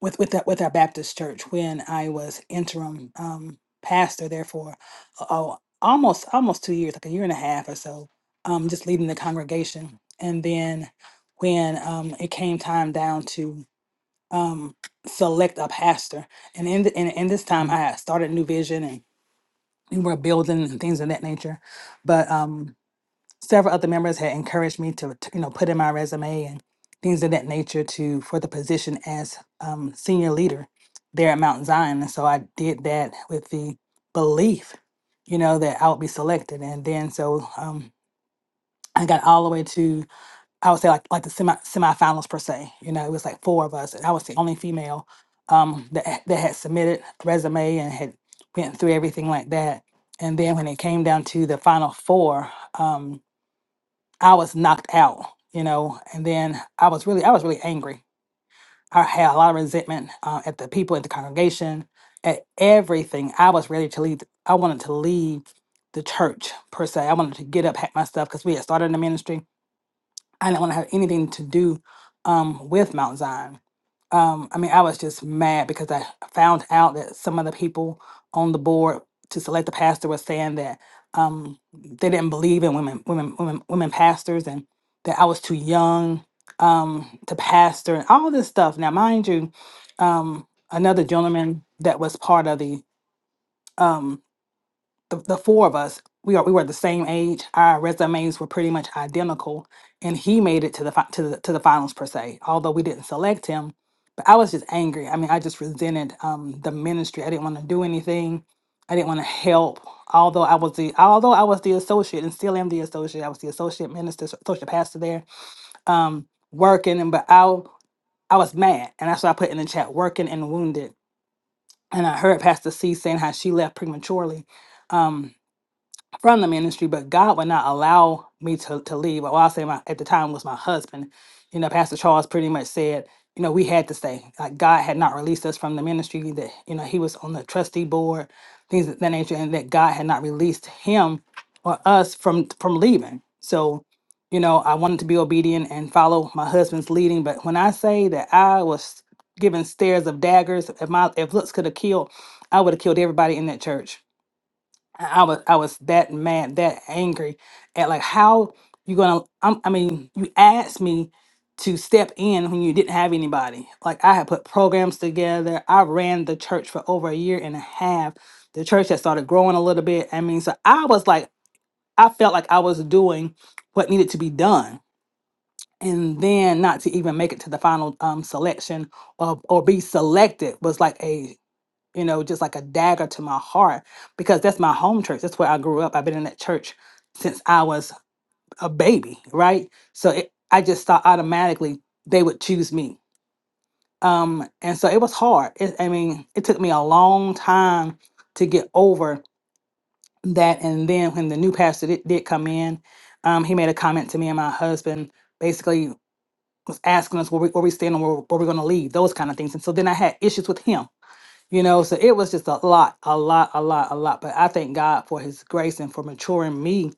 Speaker 8: with with that with our Baptist church when I was interim um, pastor there for oh, almost almost two years, like a year and a half or so, um, just leading the congregation. And then when um, it came time down to um, select a pastor, and in, the, in in this time I had started New Vision and we were building and things of that nature, but um, several other members had encouraged me to, to, you know put in my resume and things of that nature to for the position as um, senior leader there at Mount Zion, and so I did that with the belief, you know, that I would be selected, and then so um, I got all the way to I would say like like the semi semifinals per se, you know, it was like four of us, and I was the only female um, that that had submitted resume and had went through everything like that, and then when it came down to the final four. Um, I was knocked out, you know, and then I was really, I was really angry. I had a lot of resentment uh, at the people at the congregation, at everything. I was ready to leave. I wanted to leave the church per se. I wanted to get up, pack my stuff because we had started the ministry. I didn't want to have anything to do um, with Mount Zion um, I mean, I was just mad because I found out that some of the people on the board to select the pastor was saying that um, they didn't believe in women, women, women, women pastors, and that I was too young um, to pastor and all this stuff. Now, mind you, um, another gentleman that was part of the um, the, the four of us, we are we were the same age. Our resumes were pretty much identical, and he made it to the fi- to the to the finals per se. Although we didn't select him, but I was just angry. I mean, I just resented um, the ministry. I didn't want to do anything. I didn't want to help. Although I was the although I was the associate and still am the associate. I was the associate minister, associate pastor there, um, working. And but I I was mad, and that's what I put in the chat: working and wounded. And I heard Pastor C saying how she left prematurely Um, from the ministry, but God would not allow me to, to leave. Well, I'll say my at the time was my husband. You know, Pastor Charles pretty much said, you know, we had to stay. Like God had not released us from the ministry that, you know, he was on the trustee board, things of that nature, and that God had not released him or us from from leaving. So, you know, I wanted to be obedient and follow my husband's leading. But when I say that I was given stares of daggers, if my if looks could have killed, I would have killed everybody in that church I was I was that mad, that angry at like how you gonna. I'm, I mean, you asked me to step in when you didn't have anybody. Like I had put programs together. I ran the church for over a year and a half. The church had started growing a little bit. I mean, so I was like, I felt like I was doing what needed to be done, and then not to even make it to the final um, selection or or be selected was like a you know, just like a dagger to my heart because that's my home church. That's where I grew up. I've been in that church since I was a baby, right? So it, I just thought automatically they would choose me. Um, and so it was hard. It, I mean, it took me a long time to get over that. And then when the new pastor did, did come in, um, he made a comment to me and my husband basically was asking us where we, where we stand and where, where we're going to leave, those kind of things. And so then I had issues with him you know so it was just a lot a lot a lot a lot but i thank god for his grace and for maturing me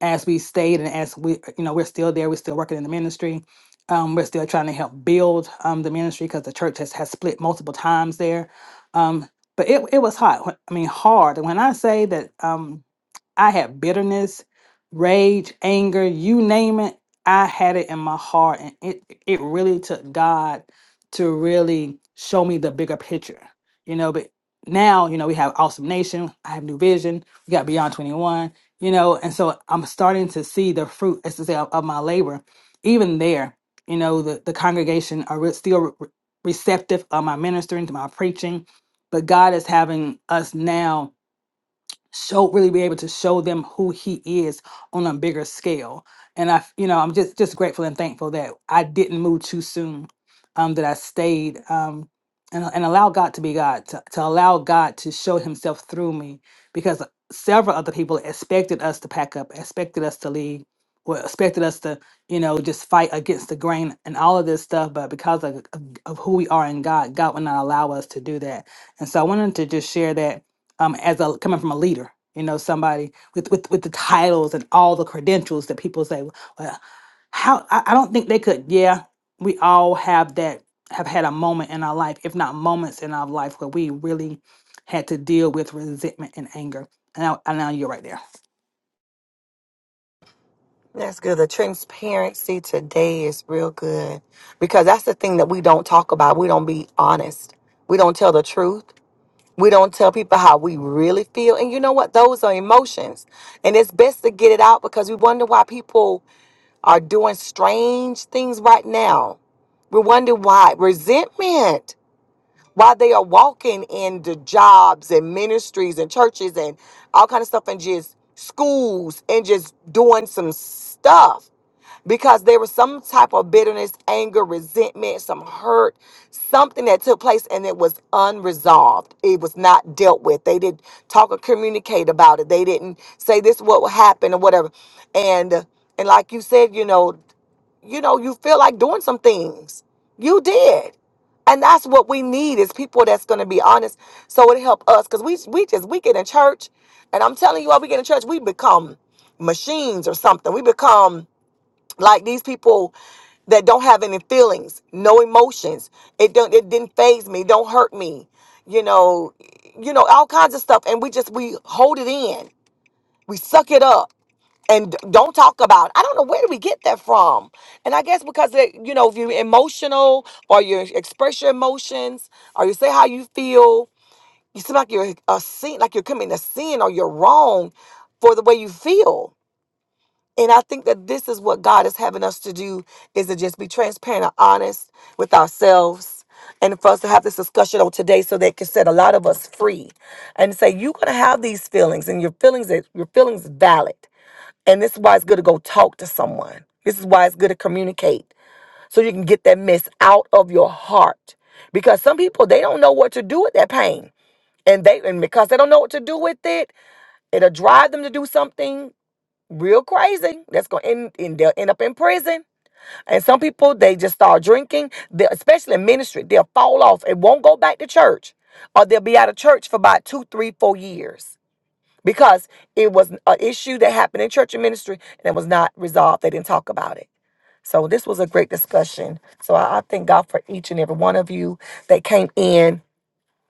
Speaker 8: as we stayed and as we you know we're still there we're still working in the ministry um, we're still trying to help build um, the ministry because the church has, has split multiple times there um, but it, it was hot i mean hard and when i say that um, I had bitterness, rage, anger, you name it. I had it in my heart. And it, it really took God to really show me the bigger picture, you know. But now, you know, we have Awesome Nation, I have New Vision, we got Beyond 21, you know. And so I'm starting to see the fruit, as to say, of, of my labor. Even there, you know, the, the congregation are re- still re- receptive of my ministering, to my preaching. But God is having us now show really be able to show them who he is on a bigger scale and i f- you know i'm just just grateful and thankful that i didn't move too soon um that i stayed um and, and allow god to be god to, to allow god to show himself through me because several other people expected us to pack up expected us to leave or expected us to you know just fight against the grain and all of this stuff but because of, of, of who we are in god god would not allow us to do that and so i wanted to just share that um, as a coming from a leader, you know, somebody with with with the titles and all the credentials that people say, well, how I, I don't think they could. Yeah, we all have that have had a moment in our life, if not moments in our life, where we really had to deal with resentment and anger. And now, and now you're right there.
Speaker 1: that's good the transparency today is real good because that's the thing that we don't talk about we don't be honest we don't tell the truth We don't tell people how we really feel. And you know what? Those are emotions. And it's best to get it out because we wonder why people are doing strange things right now. We wonder why. Resentment while they are walking in the jobs and ministries and churches and all kind of stuff and just schools and just doing some stuff because there was some type of bitterness, anger, resentment, some hurt, something that took place and it was unresolved. It was not dealt with. They didn't talk or communicate about it. They didn't say this is what happened or whatever. And and like you said, you know, you know, you feel like doing some things. You did. And that's what we need is people that's going to be honest. So it help us because we we just we get in church, and I'm telling you, all we get in church, we become machines or something. We become like these people that don't have any feelings, no emotions. It don't it didn't phase me, don't hurt me, you know, you know, all kinds of stuff. And we just we hold it in. We suck it up and d- don't talk about. it. I don't know where do we get that from. And I guess because it, you know, if you're emotional or you express your emotions or you say how you feel, you seem like you're a sin, like you're committing a sin or you're wrong for the way you feel. And I think that this is what God is having us to do is to just be transparent and honest with ourselves. And for us to have this discussion on today so that it can set a lot of us free and say, you're gonna have these feelings and your feelings is- your feelings is valid and this is why it's good to go talk to someone. This is why it's good to communicate so you can get that mess out of your heart. Because some people they don't know what to do with that pain. And they and because they don't know what to do with it, it'll drive them to do something real crazy that's going to end and they'll end up in prison and some people they just start drinking they, especially in ministry they'll fall off and won't go back to church or they'll be out of church for about two three four years because it was an issue that happened in church and ministry and it was not resolved. They didn't talk about it. So this was a great discussion. So I, I thank God for each and every one of you that came in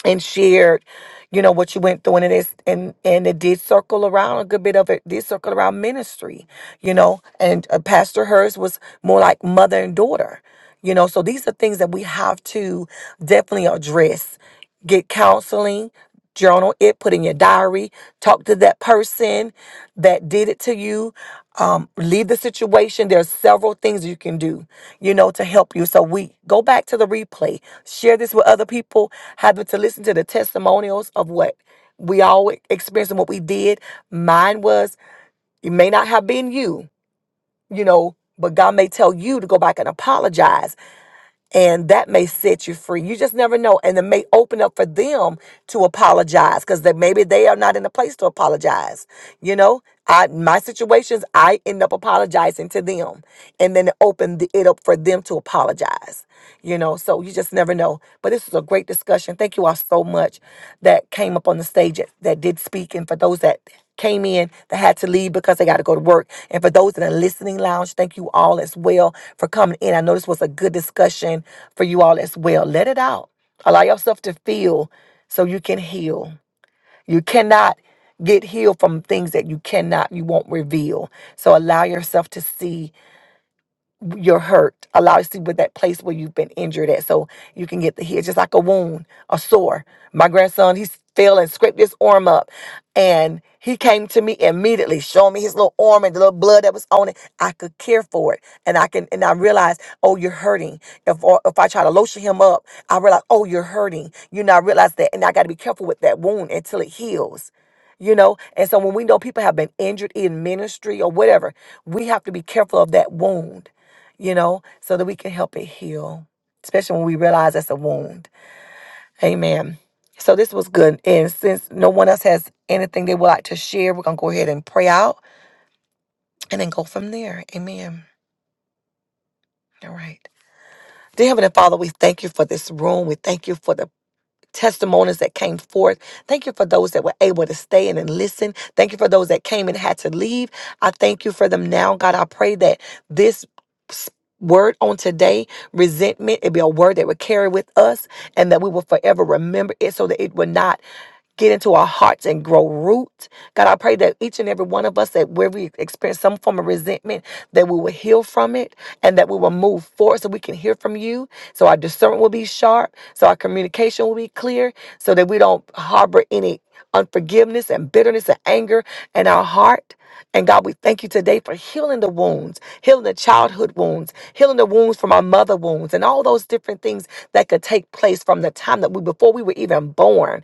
Speaker 1: and shared, you know, what you went through and it is and and it did circle around a good bit of it did circle around ministry, you know, and uh, Pastor Hers was more like mother and daughter. You know, so these are things that we have to definitely address. Get counseling, journal it, put in your diary, talk to that person that did it to you. Um, leave the situation. There's several things you can do, you know, to help you. So we go back to the replay, share this with other people, have them to listen to the testimonials of what we all experienced and what we did. Mine was, it may not have been you, you know, but God may tell you to go back and apologize and that may set you free. You just never know, and it may open up for them to apologize because that maybe they are not in a place to apologize. You know, I my situations, I end up apologizing to them, and then it opened the- it up for them to apologize. You know, so you just never know. But this was a great discussion. Thank you all so much that came up on the stage that, that did speak, and for those that came in that had to leave because they got to go to work. And for those in the listening lounge, thank you all as well for coming in. I know this was a good discussion for you all as well. Let it out. Allow yourself to feel so you can heal. You cannot get healed from things that you cannot, you won't reveal. So allow yourself to see you're hurt. Allow to see with that place where you've been injured at so you can get the heal. Just like a wound, a sore. My grandson, he fell and scraped his arm up. And he came to me immediately, showing me his little arm and the little blood that was on it. I could care for it. And I can and I realized, oh, you're hurting. If or if I try to lotion him up, I realize, oh, you're hurting. You know, I realize that and I gotta be careful with that wound until it heals you know and so when we know people have been injured in ministry or whatever we have to be careful of that wound you know, so that we can help it heal, especially when we realize that's a wound. Amen. So this was good. And since no one else has anything they would like to share, we're going to go ahead and pray out and then go from there. Amen. All right. Dear Heavenly Father, we thank you for this room. We thank you for the testimonies that came forth. Thank you for those that were able to stay in and listen. Thank you for those that came and had to leave. I thank you for them now. God, I pray that this s- word on today, resentment, it be a word that would carry with us and that we will forever remember it so that it will not get into our hearts and grow root. God, I pray that each and every one of us that where we experience some form of resentment, that we will heal from it and that we will move forward so we can hear from you. So our discernment will be sharp, so our communication will be clear, so that we don't harbor any unforgiveness and bitterness and anger in our heart. And God, we thank you today for healing the wounds, healing the childhood wounds, healing the wounds from our mother wounds, and all those different things that could take place from the time that we, before we were even born,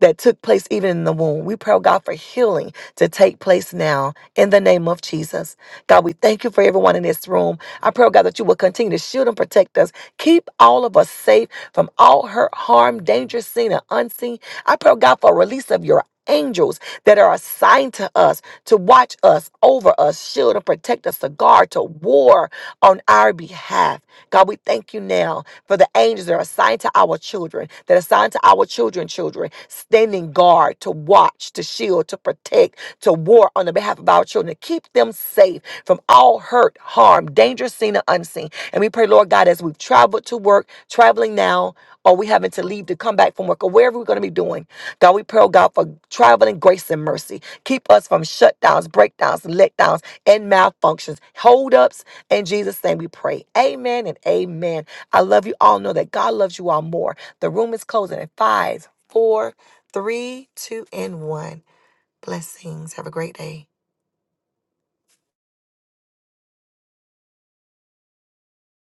Speaker 1: that took place even in the womb. We pray, oh God, for healing to take place now now in the name of Jesus. God, we thank you for everyone in this room. I pray, oh God, that you will continue to shield and protect us. Keep all of us safe from all hurt, harm, danger, seen and unseen. I pray, oh God, for a release of your angels that are assigned to us to watch us, over us, shield and protect us, to guard, to war on our behalf. God, we thank you now for the angels that are assigned to our children, that are assigned to our children, children, standing guard to watch, to shield, to protect, to war on the behalf of our children, to keep them safe from all hurt, harm, danger seen or unseen. And we pray, Lord God, as we've traveled to work, traveling now, or we having to leave to come back from work, or wherever we're going to be doing, God, we pray, oh God, for traveling grace and mercy. Keep us from shutdowns, breakdowns, letdowns, and malfunctions, holdups. In Jesus' name we pray. Amen and amen. I love you all. Know that God loves you all more. The room is closing at five, four, three, two, and one. Blessings. Have a great day.